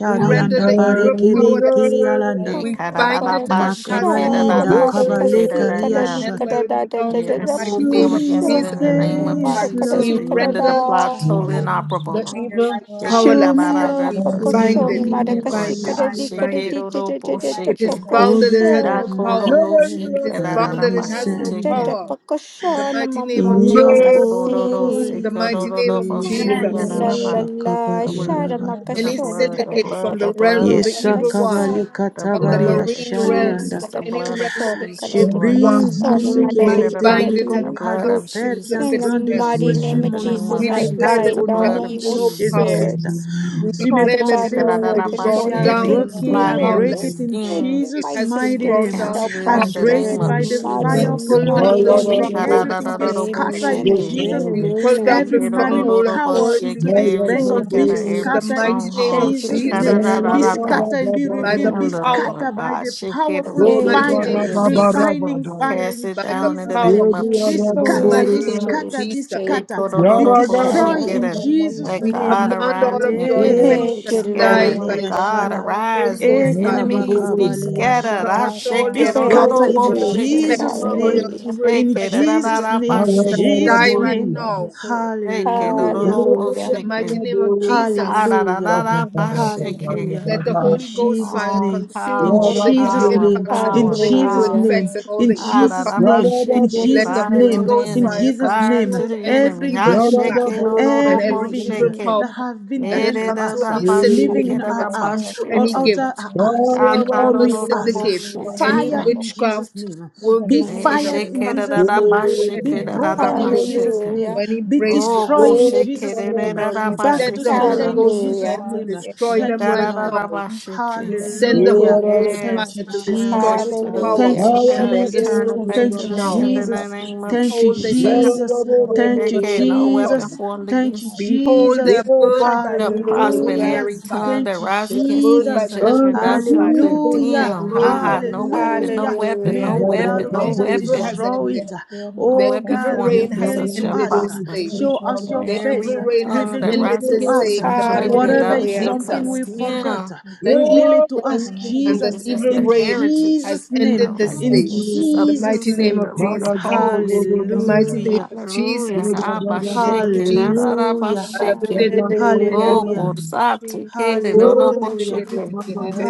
the We Alpha render the and evil the barekebir powerless. kirialanda. Eh, We ka, da, Ora Omega, da, bind da, para it and ba, we cast shiki, it da, da, out kashara as Makabalinda da, you into mara the pit of shiki, da, kasi, hell, da, kada yeah. di hell kabalekariashata. where kada it belongs di, in the Yes, mighty Show come name of me against it your Jesus. in the Parabashara Marakasi name of start face, Kadadi kada Jesus. with di, We my We kada render children the render Lord. and plot lead the Kadada totally lightning. Lord, the inoperable. may your evil light Shake shine it in La da, Show my powerless. la da, me da, la home, your la let We the my person children, be bind Pakushoni it, we obedient, Marakasi Lord bind my face. it, God. we Kadadi lives, Shake bind it, it. do, do, bo, in my Kadadi It shake Jesus, is it. Oh, bound and it get has up no Pakushoni to the Shako, my do, power. do, It shake life it, is da, that na da, I bound da, and may it ba, has Ah, no shake stand it. power. In the world. mighty name in of Jesus. your Cover Tadapakasanamamamapakasi. Amen. In the mighty holy name of yeah, Jesus. La yeah, grace. la la Shakabari yeah. Thank alabari. you, with the Lord. Any sharamakasori blood, the kadadi syndicate from blood, the the kadadi realm blood of of the Yes, evil marakasa. Jesus. one, Shakabali The from the Yara katabari blood of marine realm, ashalianda. Jesus, from the any blood of realm Anamarakasori of the Je Jesus, kadadi evil Lord one, God. brise I tout kadasori ce shake qui m'a it madadi we out of été The bind donné it kadadi. comme and the we blood of cadeau, cast it Père, into qui the est en Jesus In pit the is of train de hell. against mighty jouer you. sur name In of the mon, name mon Jesus, We of I declare Jesus, mental that the au bind it has all blood nom of de evil no Jesus. power. Jésus-Christ. spirits. We Sur mes Father declare that Shake God, it pensées it au no has out nom of that. I de been weapon bush, Jésus, brought formed I Every down break against it, I plot, me or every break it powerless. in scheme, any of It Jesus' my has been mighty we brought sisters name. shall down cancel it I in the prosper break powerless. name it in the of by the Thank you, We mighty, fire of the Jesus. pull down Holy mighty the name Ghost. of Shake May it Jesus. stronghold out and Hallelujah. everything all be of the its bush, scattered effects. shake Amen, in amen, Jesus' and We name. As pull down Shake amen. Every the it, oh, oh, marine oh, stronghold and oh, oh, all power its shake into it, this effects every, Bengal Thank shake you, out be of in every the Jesus. scattered in mighty name of stronghold, Thank you, shake Jesus' out name. of Jesus, Jesus. da, da, Be Thank da, you, da. God. scattered and be by The the revealed. Be handle, power scattered by Lord by God, the shake it, of and powerful the weaken the Thank you, mighty fire, name of individual. Jesus, Jesus. refining We fire cast in it by the down in the Jesus' power name. name of Be of the Jesus. scattered, mighty be Thank you, name of scattered, be Jesus. Jesus. Thank Shake scattered, you, oh, oh, oh, be God. oh, in oh, heaven. shake destroyed it, in and Jesus' let We name. God command all arise Le and of your your effects enemy be Thank to you, Lord. die scattered. Let by shakabalia the God shala, Holy arise e and your Ghost fire. enemies be kabakabalia We scattered. shata. I command all shake My Be it, your oh, oh, power, enemies Thank scattered oh, you, be Yeah, in all oh, scattered your shake in Jesus. it, the Jesus' effects, name of all name, your Hallelujah. Jesus. evil shake in it, effects I da, and da, da, just- evil Jesus' da, da, name, in impacts to People shake of it, God, die Jesus' right name. who now. will go shake it, oh, oh, Hallelujah. oh, to oh, In Hallelujah. the shake it. mighty name of Europa Jesus, Hallelujah. have given me this an Ha-da-da-da-da-ba-shiki. Hallelujah. ear of let the my In life Holy to live Ghost in Jesus' this fire Oh, place name. of consume In all power, the evil pain. Jesus' power, name. impacts and Show In all power, the evil Jesus' power. the Hallelujah. name. name effects and of all In you, the God, evil if Jesus' you power. have name. In Ha-da-da-ba-shiki. Let the Jesus' Fire Holy to name. the Ghost In fire enemy, Jesus' fire name. to consume the every ever enemy. Every evil ha gift, uh, impact shiki oh, Every do and do single cast bo every everything evil uh, shake into each it. power one that of us, have been that eh God, given has da to come Jesus, da through us, uh, da any ba have living shake the syndicate, it, in da that keep our da has every ba come house hope through of your or any shake life, it. outside bless gift. our and house uh, inheritance shaka any over or my evil with life and us, uh, in syndicates, desire Shaka-do-do-do-bo-shitiki. and any fire step shitiki in over Jesus' witchcraft name. as a Be workings mighty eh that have fired every shake in weapon it, da come da Jesus' of da wicked name. ba through against shake Be the any it, da enemy da as da broken ba in God bangles in the shake Jesus' name it. Hallelujah. name. or of any God, Be against my Oh, God destroyed bracelets. ko and in shake here. it, Jesus' da da name. da da We ba I send Back am shake to the it, da sender Holy da severely in Ghost Jesus' fire Hallelujah. to remarked name. every destroy shake Thank them you, weapon da da and right da wicked now. da, Lord. ba thing shake it. We the enemy send has the Holy Hallelujah. plotted in the Ghost morning fire of Thank Yes, you, to time return against destroy my back Jesus. their to the God and power Thank pits Hallelujah. you, of heritage. and hell. their Jesus. My Return it influence back portion Thank to you, right in the the Lord. now. sender in name the of Jesus. We name of Jesus. Thank you, hold they shall have Jesus. Jesus. no more Oh, Hallelujah. Thank you, influence Okay, and no no weapon power. Jesus. formed Thank you, I against declare Behold, they Jesus. are the perfection burned thank you, by shall the of Jesus. Thank prosper, Holy you, and perfection. Hallelujah. Hallelujah. every Ghost Jesus. tongue fire. He that Thank is you, They rises are against thee burned in by the Jesus. the Lord, Holy the judgment Thank redemption thou you, Ghost of shalt fire. Jesus. Thank They Hallelujah. are condemn. you, the name Ha burned Jesus. by God. ha! the No Holy My Ghost weapon, no Hallelujah. fire. Oh, position weapon, May with no the Hallelujah. God blood weapon, of is no Their Jesus evil weapon, has destroy my it. ended. shield and no Their Oh weapon evil God, defender formed reign and has against reveal us it to shall ended us. this prosper, day. Show preservation us and and your Their nation face. evil every no reign has harm. tongue Reveal that thank to, ended rises to I this against us us. day am in in a the brother. mighty I judgment name Whatever of just thou it's want to Hallelujah. shalt something Jesus. we in the name condemn. of forgot, Jesus. The evil reveal it to us, realm Samadi For and the Jesus. This is Jovi evil the In and reign heritage has Jesus' and name. ended our the this In day Jovi righteousness you, is in the of you, Jesus' mighty name said name. the of Lord of Jesus. hosts. In the Yes, you mighty Jovi. name Hallelujah. of Hallelujah. Thank Jesus. you, In Jesus, the mighty name for of lifting Rabashake, Jesus. me up Hallelujah. from rabashake. high. In In Hallelujah. the Oh, Hallelujah. name of Korsate, Jesus. Kede, Hallelujah. Rodoboshake.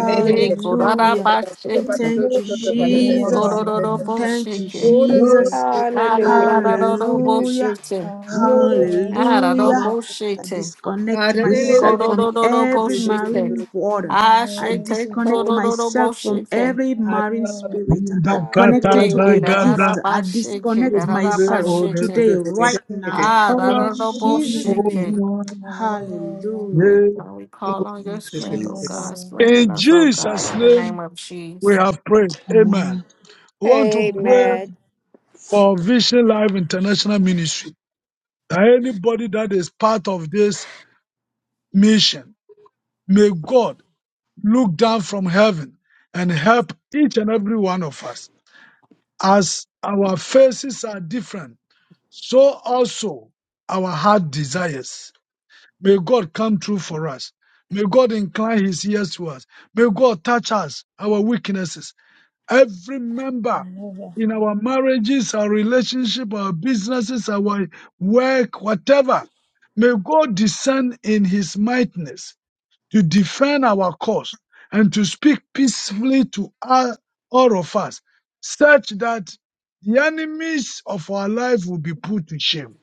Jesus. Big Jesus. In Korabashake. Thank you, Li Jesus. Hallelujah, Thank you, Jesus. Korodoboshake. Thank you, Jesus. Jesus. Hallelujah. Hallelujah. Kaladadodoboshake. Hallelujah, Jesus. Hallelujah. I Aradoboshake. disconnect myself from Hallelujah, every Ikorododoboshake. marine water. I Ashake, hallelujah, Jesus. disconnect myself from Korodoboshake. every marine Hallelujah. spirit connected Shake to it, it, a da Hallelujah. da da! gift. I ba shake it, disconnect da da da! ba myself shake it. today, Thank right you, now, Ah, Jesus. da in da da bo Jesus' shake. name. it. Hallelujah, Hallelujah. Strength, God, we call on In your strength, oh Jesus. God. hallelujah. Strengthen us, oh God, Jesus' in the name name, of we Jesus. have prayed. Amen. Amen. We want to pray Amen. Amen. for Vision Life International Ministry. That anybody that is part of this mission, may God look down from heaven and help each and every one of us. As our faces are different, so also our heart desires. May God come true for us. May God incline his ears to us. May God touch us, our weaknesses. Every member Hallelujah. in our marriages, our relationship, our businesses, our work, whatever. May God descend in his mightness to defend our cause and to speak peacefully to all, all of us, such that the enemies of our life will be put to shame.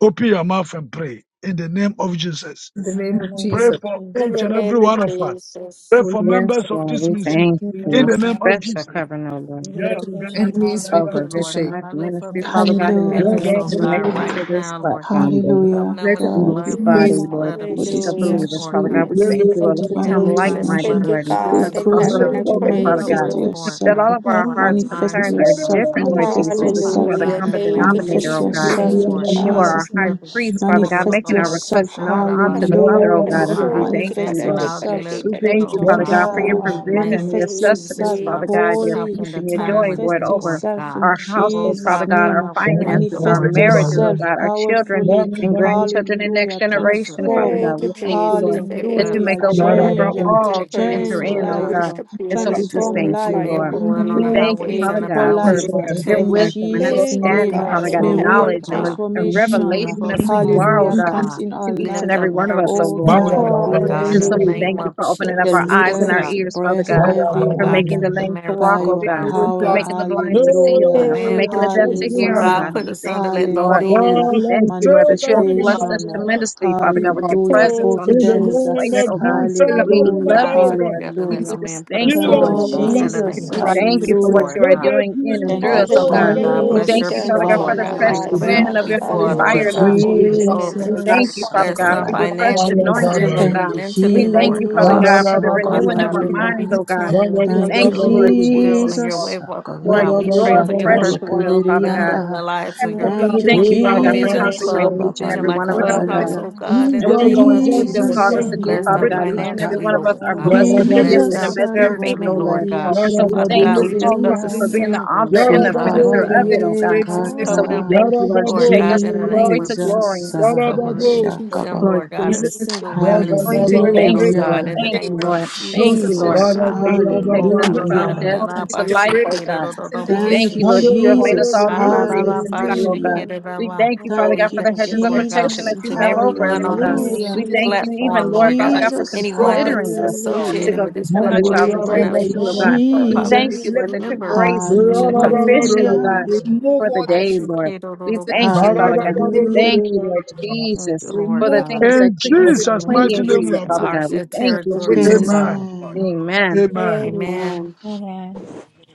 Open your mouth and pray in the name of Jesus. the name of Pray Jesus. Hallelujah, for In Jesus. each the and every name of one of us. Jesus. Pray O Lord, for yes, members come of Lord. to this We peace and ministry Thank thank you you, we for in your one. Lord the name God. of special Jesus. covering over, Let our Beautiful vision, God. enemies be Hallelujah, over put to Lord Vision shame. God. Life I lift up Ministry, Father vision Gracious, God, like and Let, Hallelujah. international, members, everyone oh merciful, God, connected right to good this now, Lord God. Lord platform, Lord. God. Cover Hallelujah. them let with the our in God, we this blood, All enemies body, pray precious Yes, God, Lord blood of for Jesus, blessings this of upon hallelujah. Jesus, them, believers, Lord ministry. Father We God. God. We Yes, pray thank you, I for Lord, as thank you, we plead divine come and like apply the Jesus. minded, blood Thank intervention. Lord, you, of Lord, and for just We God as Jesus, in Lord pray Lord Apostle so has heaven. God. I that you spoken, God. Father praise you, Cover God, manifest us, let Lord. Lord our that yourself. God. all of our Well, Cover our we hearts' Manifest minds, concerns are oh are yourself. God. different, perfect, Lord but I Manifest Jesus, Oh, don't but know you what Father are yourself. the time Hallelujah. God, it in common can't the be Thank name you, of perfect. denominator, Manifest oh Jesus. Mhm. God. Jesus, yourself Lord Thank in you, Lord Jesus, And God. you are God, <laughs> our Jesus' the high name. Lord, we should priest, Father call the God, Lord Manifest making of our power us, of the seek requests yourself. the faith known Lord is of unto us. the Serve every Father, member oh Hallelujah. you God. And are so our we Taramarkaso, thank you, Manifest defense and Lord. Tikadadi, our yourself, Padadi, deliverer, We thank Tadadi, Spirit you, oh of Father troubles God. God, for just your God. In Krishna. the provision, name your of Manifest Praise Jesus, yourself sustenance, you are Father God, present your Jesus. holy. help peace in the and the your time joy, of Lord, Manifest Lord, need, over Lord yourself God. in our the perfect Oh, households, Jesus' Father Lord. Father God, name. our God, we thank the finances, our Manifest Lord God. marriages, oh yourself God, our children powerfully. Hallelujah, and grandchildren and next Hallelujah. Thank you for, generation, Father Transform. God. Thank you, We hallelujah, thank you, thank Jesus. Lord, thank you that Thank you you, for Hallelujah. make a Father you, way Jesus. God for in Change. heaven. I all to protecting us, praise enter Change you. Lord in, I oh God. life. God. worship you And so and come. I we just Protect Transform Thank thank each you, glorify and life. your every Lord. Bring down one holy We on the name. Move thank you, in all highways Thank and Father you, the people God, Jesus. the for byways. life. them. you, your In Protect Jesus. our wisdom O and Lord kids Jesus' Thank in God, you, we the name, understanding, God bow Father to God, in may classroom, and you. Lord real heaven. knowledge and, Thank God, re- In the Thank and you, to transformation. name of and revelation from of who you Jesus, school, are, oh Hallelujah Lord bring down God, comes God. in the to our We each and lift life. every up one of us, oh marriages Oh Lord. evil before God, you, man that Lord Lord God, bless And in so the we Hallelujah. name thank you of for Thank opening up the has our you, Jesus, eyes Lord and put our Lord. God. leaders, ears, Father bless in God. God, Oh, Father for God, making everyone the keep the lame to marriage, by walk, Lord oh your putting God, God, Lord Thank for power. roadblocks you, God. making in the our blind to way see, oh The Hallelujah. God, and for man, prevent Thank making you, the deaf to Lord hear, oh progress Jesus. God, Jesus. God. Hallelujah. And put we us thank under, you, let no Lord. towards Yes, you man. Hallelujah. We thank you, and Lord, that you have thwarting blessed our on us Manifestation. their efforts house. to tremendously, Father achieve God, with your Hallelujah. our presence Thank on you, this, In the in this Providence. name place, Let Jesus. of oh God. us Jesus, fulfill serve We our every For Hallelujah. member, love God assignment, oh you, put God. Lord. together, let no We Hallelujah. pleasing to you, just man put thank Heal you, asunder, Thank you, Lord every oh Lord, member, God, so in the Jesus. oh that in Jesus. name God. Hallelujah. We of thank you for Jesus, righteousness what Hallelujah. Lord you are Let God. there doing and in We and Thank be, through you, us, thank Father we can you, oh oh Lord God. God, your God. We will God. activity, Bless be thank your you, Jesus. done Father Lord people, God, God. for upon Lord the our God, fresh like Hallelujah. never lives, Remove wind ever the of Father your God. holy before, No Thank you, Lord fire, obstacles weapon Lord God. of formed Jesus. everyone in Oh, against We our us will thank lives, you, Jesus. Father each Bless prosper, and God, them for every your Father one God, fresh of in My financially, us, anointing, heaven. oh Baba, spiritually, Thank God. you, Jesus. We mentally, Lord, thank tonight, Lord you, Father Lord Jesus, God. God. God, Jesus. for the Oh, Father renewing Remove of God, our let them Sakabaria. any be minds, evil oh in God. tune We obstacles in Every Thank with you, thank you, single your our Lord lives, Lord will and Jesus, your God. Jesus. way. Lord Cause for God, us Sakabaria we to pray your move for your fresh Shatari forward, perfect oil, Lord will be Father God. done God. in Kibirianda. the lives of Help, your O Lord, We Thank you, thank people you, Father on God, for Vision Jesus. consecrating Club, each and God. Vision every Sababali Life one of us, Wherever oh there's God. Clubhouse, Kabalaya. oh a need for God, in And the we will go name and deliverance, of do what Jesus, O you have Lord Jesus. Jesus. called Jesus, us God, to do, Bless Jesus. Father them bring God. that Each and every Sakabalikata. financially, one of us deliverance. Lord are God. blessed with a Hallelujah. Deliver gift Bless us and a Jesus. from them measure of evil, faith, O spiritually, oh Lord Lord. Lord Salababalia God. God. And so we Father Yarababo, thank God, Deliver you, we our lift up the Jesus, family Shatabalia. for members being the from singles, author oh and evil. the God, in finisher Yarababo, the Let of there name it, be oh of Shikabalie God. great Jesus. And so Cover deliverance. them we Even Kata. thank you, Lord. as You Lord take Yarababo, as your God, us in from the anointing name glory of to is upon Jesus. glory, Jesus, cover this Yarababo, and keep platform. them, Shakabab. Lord Lord God, person Even as Jesus. as single your women and Hallelujah. who anointing single to Yarababo, men, worship Thank oh you, break you, Lord. God, every in Hallelujah. the who Thank chain, you, name worship of Lord. Thank close on Jesus, you, Yarababababababa, this Lord Lord, Jesus, your platform. God. for you have Oh, taken us Even as Father God, from hallelujah. and Barababababababa. death your then I anointing unto to bash life, it, break oh get it, every God. oh, oh, oh, We syndicate of bush Thank thank you, it, you, the get Lord, it. that you evil have one, made us Jesus, all Ah, new da, close on da, da, Mandorororororororo. this creations in platform. you, bash oh it, hallelujah. God. get it, ah, We ah. thank you, Father Lord God, We Thank God, for you, the thank you, hedges of that Lord God, for protection every Jesus, that each you and have evil every thing, over us, and one oh every on God. evil this hallelujah. We thank entity Jesus. you is in even, platform, Hallelujah. Lord, Lord our Father God. God, lives for be Jesus, Anyone broken, O considering that's Lord us God. to associated go with hallelujah. through That this some we of have the platform, trials and anyone a Thank you, tribulations, breakthrough, oh O God. Lord God. We platform Hallelujah. thank you, Jesus, Lord, Deliver us that your member from with all grace evil, Mission is O Life, Lord God. Lord sufficient, oh God. hallelujah, God, Mandorororororororo. for Remove the all the I day, influences of should Lord. get it, oh, oh, We the oh, thank bush you, it, syndicates and Father get God. it. the We Amen. witchcraft, hallelujah. thank you, O Lord Lord God. Barababababababa. Oh, Jesus dear Lord for the Remove all God, things the that In keep bless us influences of Jesus' them the mighty clinging to name indeed, we you, have wizards Father prayed. enlarge God. We their and thank the you, territories, oh witches, Jesus. O God. Amen. Lord Amen. God. Amen. Amen. Amen. Amen.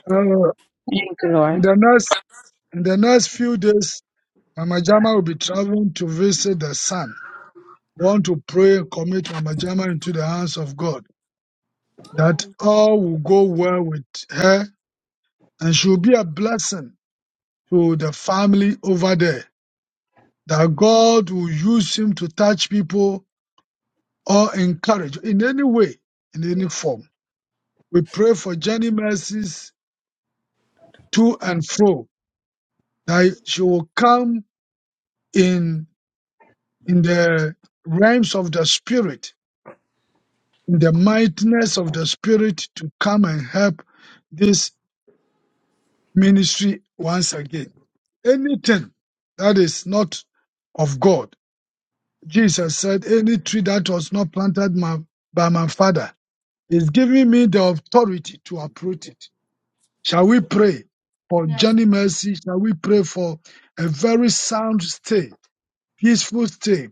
Uh, Thank you, in Lord. the next in the next few days, Mama Jama will be traveling to visit the son. We want to pray and commit Mama Jama into the hands of God that name. all will go well with her and she will be a blessing to the family over there. That God will use him to touch people or encourage in any way, in any form. We pray for Jenny mercies to and fro that she will come in in the realms of the spirit, in the mightiness of the spirit to come and help this ministry once again. Anything that is not of God, Jesus said, any tree that was not planted my, by my father is giving me the authority to uproot it. Shall we pray for Yes, Johnny Mercy? Shall we pray for a very sound stay, peaceful stay?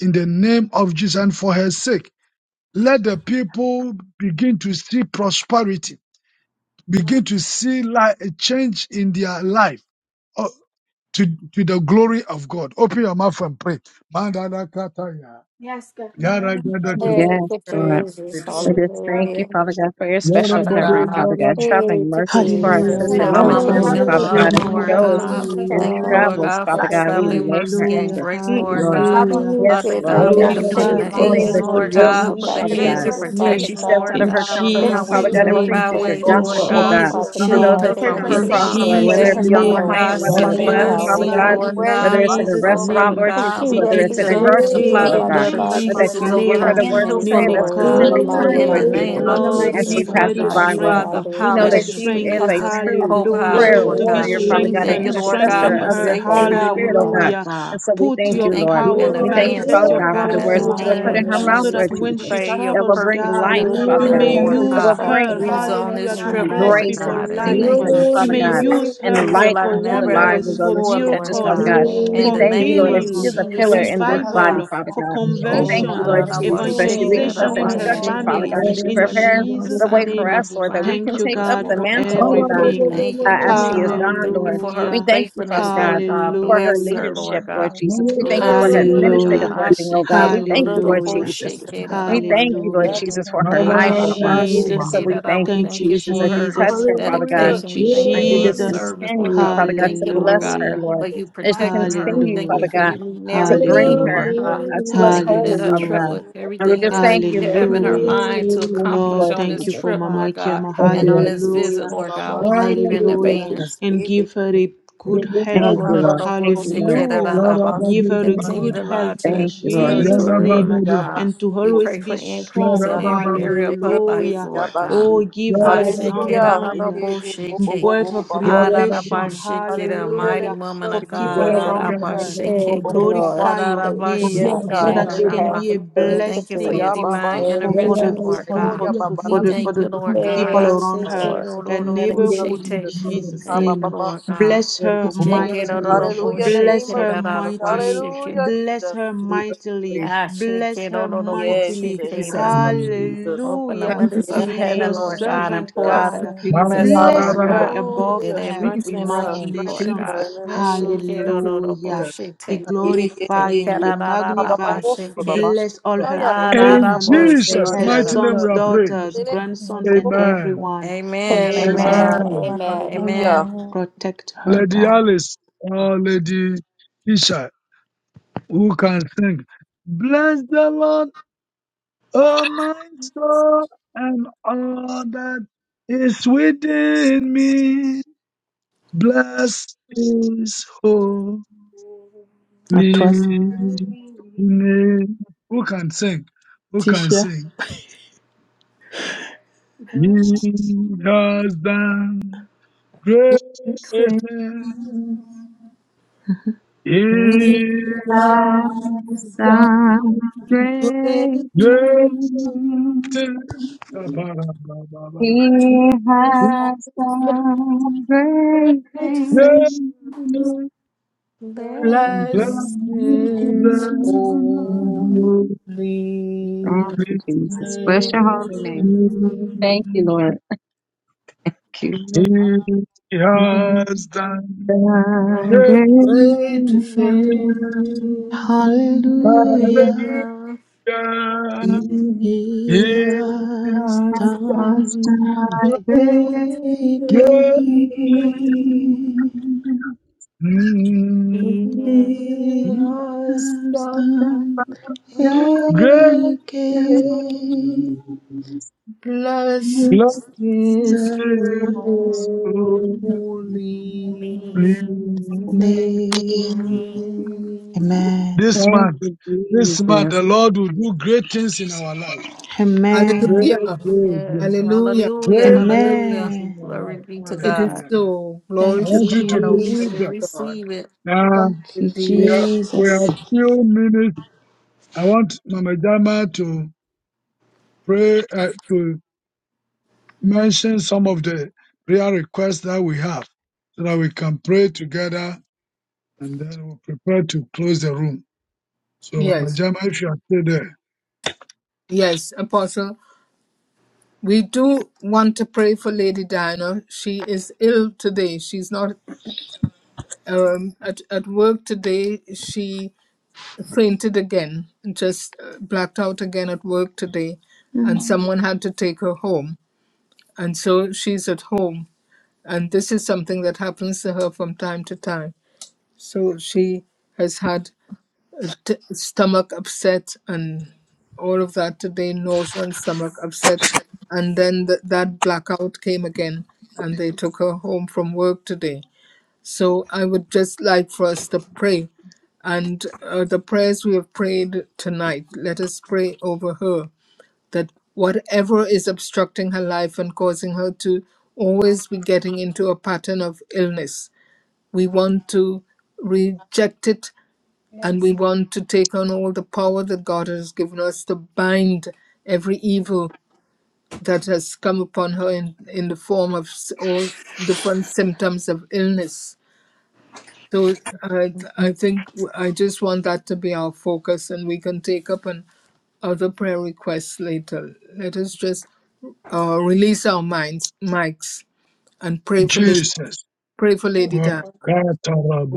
in the name of Jesus and for her sake. Let the people begin to see prosperity, begin to see life, a change in their life uh, to, to the glory of God. Open your mouth and pray. Mandala kataya, yes, yara O gadaka, God. Lord, Hey Yes, to I Lord. Jesus. In receive it. O Lord, We case of just having thank Hallelujah. you, Father God, for your special yara Father covering, babo, God, Father yara God. Hey Traveling to mercies for our we Hallelujah. Jesus. pray We sister, Lift Mama pray for babo, yara for Mama Heavenly God, Gemma, traveling Mama Gemma babo, Father up, for God, the as mercy Jema. Thank she mother Lord zidiya, of you, in the the goes name of through God. the Jesus, We her and Lord thank you, God. behind God, Lord her Hallelujah. and travels, God, for for Father beside the God. her, We traveling lay Thanks days. her mercy at and Hallelujah. your grace, for We feet, pray Lord Mama, for Lord. for God. Mama. traveling Hallelujah. You Father Yes, mercy, get Be Lord. her Father We God, we there yara babo, God, thank you yara for the upon commission her glorified, the This be beautiful life, safely babo, things angels, that Lord and she thousand Lord Jesus. will exalted return in God, her see, for customers the back Father That who heads are God. and everywhere safely, Jesus' that As she Father name. is, she protection, oh steps God. Lord out Father of In God, her God, that on they the comfort see zone, This she Jesus' Father highways you, God, and the and go Lord, and in name. the preaches spread your mighty byways, Lord, your In name of Lord thanking gospel, oh word, God. God, Jesus, Jesus' Lord. Father God, to for those Shield name. God, that her We she pray and from that for comes In she hurt, be across, safety harm, to Lord, and get to whether Jesus' safe it her be danger, on and the Lord name. plane, God, healthy destination, whether Be as it's seen Father she yara and God, bus, Lord, Father travels, unseen, babo, God, glorified Lord and Lord in where you Jesus whether God. need my it's her in asking to a Jesus' Christ. Oh, go, restaurant, Father Father name. Lord That God, she God, Jesus, we Be us Lord. whether it's plead in We a the, for pray that represents and you grocery you, apply exalted the speak store, oh in glory, Father God blood through of God, her, or that that Father Jesus' you Jesus God, will she to over give her her her name. the touch words to family many vehicle, and say at those Nene, that that Lord she souls glory, in God. the specific meets, love, God, Lord mighty, time, In God. Lord the hallelujah. mighty Jesus, name name in of the of Lord, mighty as Jesus, she Jesus, give name of her Lord Lord passes the God, God, by, Jesus, the you Lord. are Lord. strength, the uh, family, Father We in know the pilot, that pray and that heaven. you she would she strength, is is cover a the her in true everything that glory, hallelujah, co-pilot, she prayer does. Lord to be God. warrior, Father Hallelujah. We God, an thank you, strengthened. Thank Lord God, intercessor Strengthen you, for And of we Jesus. just her, your safe thank Holy Thank you. you, Spirit, travels, oh right God. God. Lord hallelujah. God. And so we Put We thank now. your you, Thank you, thank Lord. you power, in We thank Lord. you, advance, manifest Father your Lord God, for for God. the power In the words Glorify through that you have your name put in her, name, of her God. mouth, so Jesus, that Lord Hallelujah. we when We children, Jesus, she pray trust your you, that will travels, oh bring perfect God, with God, life, will our be Father you Mama may done, God, for Lord Gemma Thank that you, until use God. will she Father her, bring Use her returns God, to on us, this hallelujah, in to the God. trip, bless mighty Lord people grace and name We God. of people In the pray that you life. name would season, of Jesus. You Father may God, be Jesus, with use her her, and use it for, Father light like for God, in unto the never the mighty ever lives of wonders, name those for of that before, she Jesus. Lord touches, Father miracles, God. God. Amen. In We for the thank And we you, name Lord, thank that of she you, healing, is a Lord. We for pillar thank Jesus, you in for this Lord her body, God. life, revival, Father God. for God. The glory, We open Oh, thank glory, you, da and conversion, Lord da da glory. Jesus, ba grace, that shake she it, Karamadakaso, da leaves the da evangelization us in ba oh her Lord, shake instructions, in Hallelujah. the Karamadakaso. it. Father We mighty family. The God, Thank and thank name she you name In for every prepares time the Jesus' way assignment for and you, name, her us, Lord, that divine we can thank Jesus. you, take of purpose, up God, the Lord Yeah. for Jesus. God. mantle, oh Thank you, God, We Thank everything. Jesus. you. thank you, uh, as Lord Yeah. Thank she you, is God. God. We gone, thank you Lord. for Thank you, We her God. Hallelujah. thank you, Father faithfulness, God. Lord We God. will For walk her Bless in Hallelujah. her, the way of leadership, Lord Lord God. the Jesus. We thank you conversation. for Bless her Lord. her, Lord administrative God. Hallelujah. I working, oh shake God. it, We da da thank da you, Thank you, da God Lord ba Hallelujah. Jesus. Jesus. shake it, is the prosperity of God. We da da We see ba His thank grace you, Lord is shake Hallelujah. it. Jesus, over for her Ah, Thank you, life, da da in oh God. ba And shake so Jesus. it, we da da. thank We you, Thank thank you, you Jesus, for as you her touch Jesus. her, Father God, Hallelujah. dedication. Thank you, We thank the as you for you her just name of Jesus. service, Jesus. Lord continue, God. We Father God, thank to you, Lord This bless God, is her, Hallelujah. Lord, for why you I as you protecting hate her. this We continue, one. thank you Father Hallelujah. for God, you meeting to every Here is a Hallelujah. bring need, simple Lord her Hallelujah. God. Thank uh, We to us you, thank you Hallelujah. Hallelujah. that but whole, Jesus. her Father trip precious God. Hallelujah. with And In we everything just that thank she you, Lord have in her Hallelujah. Jesus. mind to Thank you, Lord, accomplish Lord on thank this you Jesus. for trip, about Mama Lord my God, Kiama. Thank and you, on Lord this visit, Hallelujah. Jesus. fear Lord God. We season thank you Thank in you, Lord Hallelujah. advance. Jesus. And give her a good praise, of health. Thank you, Jesus. Lord. Continue Thank you, Lord. and the body. This is the Hallelujah. body Give her a good to health lodge in your Thank you, O Lord of Lord. Jesus' territory, name Lord God. Thank and to We you, always pray for be increase Yara strong. in Baba every Baba. area of her life, Hallelujah. Lord Oh, God. give her Yara a Baba sound Baba. mind, my Ashikirararaboshiki. word of God. Yara Baba revelation. Baba. Ararabashikira, O Lord, the Mighty name Hallelujah. woman For of of thank you, people God. Yara Jesus. Baba around Baba. Yara Baba her to Thank Ararabashiki. you, Lord. glorify your Thank you, name Yes, Baba. Father so God. In that God you the in name can of Ararabashikiraraba. be a heaven. What a We Jesus. mighty Thank thank you for blessing God your you, we for Jesus. divine serve. Yababashi. for Thank you, Yara for the intervention, God. Baba Baba. Lord Again, for the Mighty thank Oh, God. God for, yeah, for, Baba. We for I'm the for sick thank you, the of the you. Lord we God. people Lord. I serve. Thank you, around say, Oh, Mighty her, shit. Lord. her In the name of neighborhood in Jesus. God we Jesus' Ha, Thank serve. ba, you, ba, name. ba, Lord shake it, God. Bless We sick are of her the grateful Shake Lord. to it out of mightily. you. the bowl, Hallelujah. In the shake Bless name it of her Thank out Jesus. of my you, mightily. shake it. Hallelujah, God. Bless Jesus. her We are mightily. Ah, grateful. shake Bless it her out of the bowl, Yes, shake Thank mightily. you, in the it Jesus. out. name of In Jesus. Open the Hallelujah. Thank you, windows In of the Jesus. She's your name heaven, of Lord God, and servant, Hallelujah, pour Thank Jesus. out you, a God. Jesus. Jesus. blessing, Bless Lord her God, Thank you, above that Hallelujah. there her may be Strengthen Jesus. Thank her. room, you, Lord Strengthen imagination. Jesus. God. her in the Ah, name of Shake it Thank out you, of the bowl, Hallelujah Jesus. shake be it. I receive Yeah, yeah, the Take glorified yeah, and it be yeah. out of Ha, the ba, ba, bowl, magnified. ba, ba, shake peace ba, of it. ba, Bless shake. all God. Yeah, her yeah, Da, yeah, I yeah. family da, receive da, bowl, members, the shake Jesus' praise. her it out mighty of. name sons, Hallelujah. we are In praying. In daughters, the name Jesus' of mighty grandsons, and Jesus. Amen. everyone in Amen, Yeah, yeah, Jesus' Amen. amen, name. yeah. Amen. Amen. Amen. amen. Hallelujah. Amen. Protect her, Lady God. Alice or Lady Isha, who can sing? Bless the Lord, oh my soul, Jesus. and all that is within me. Bless his Amen. I trust Yes, Lead. thank you, Who can sing? Who can Tisha. sing? He Lord. Thank you has done great things. Fixing. Down, You He has have down, done down, great great things. things. Ba-ba-ba-ba-ba-ba. Great He things. has done great down, down, down, Blessed things. And Bless Bless he is can- his your holy all name. Thank you, beings Jesus. Bless name. your holy and name. Thank you, Lord. Thank you. He He has has done Done great praise great Great things. things. Him. things He Hallelujah. Hallelujah. Hallelujah. he This He has done has has done. done Great Praise things Him. again. great he things. He has has done. Thank done again. Bless Yeah. Bless his the All holy beings name. and- name. Amen. month, you, this month, Jesus. the Lord will do great things in our lives. Great, Amen. Hallelujah. great, great, Yes. Hallelujah. Hallelujah. great, great Hallelujah. things in Amen. our Glory life. be to It is God. Hallelujah. so. We I Glory Thank to you, want you receive God. to it. Oh, Jesus. believe we Glory to that. God. receive it. Now, Thank you, Indeed, we it are, is. so. we are Jesus. few minutes. I want Mama Jama to pray, uh, to mention some of the prayer requests that we have so that we can pray together and then we'll prepare to close the room. So, Mama Yes. Jama, if you are still there, Yes, Apostle. We do want to pray for Lady Diana. She is ill today. She's not um, at, at work today. She fainted again, just uh, blacked out again at work today. Mm. And someone had to take her home. And so she's at home. And this is something that happens to her from time to time So she has had a t- stomach upset and all of that today, nausea and stomach upset. And then th- that blackout came again and they took her home from work today. So I would just like for us to pray. And uh, the prayers we have prayed tonight, let us pray over her that whatever is obstructing her life and causing her to always be getting into a pattern of illness, we want to reject it and we want to take on all the power that God has given us to bind every evil that has come upon her in, in the form of s- all different symptoms of illness. So I, Mm. I think I just want that to be our focus, and we can take up an other prayer requests later. Let us just uh, release our minds, mics, and pray for Lady, Jesus. pray for Lady Dan. Wow.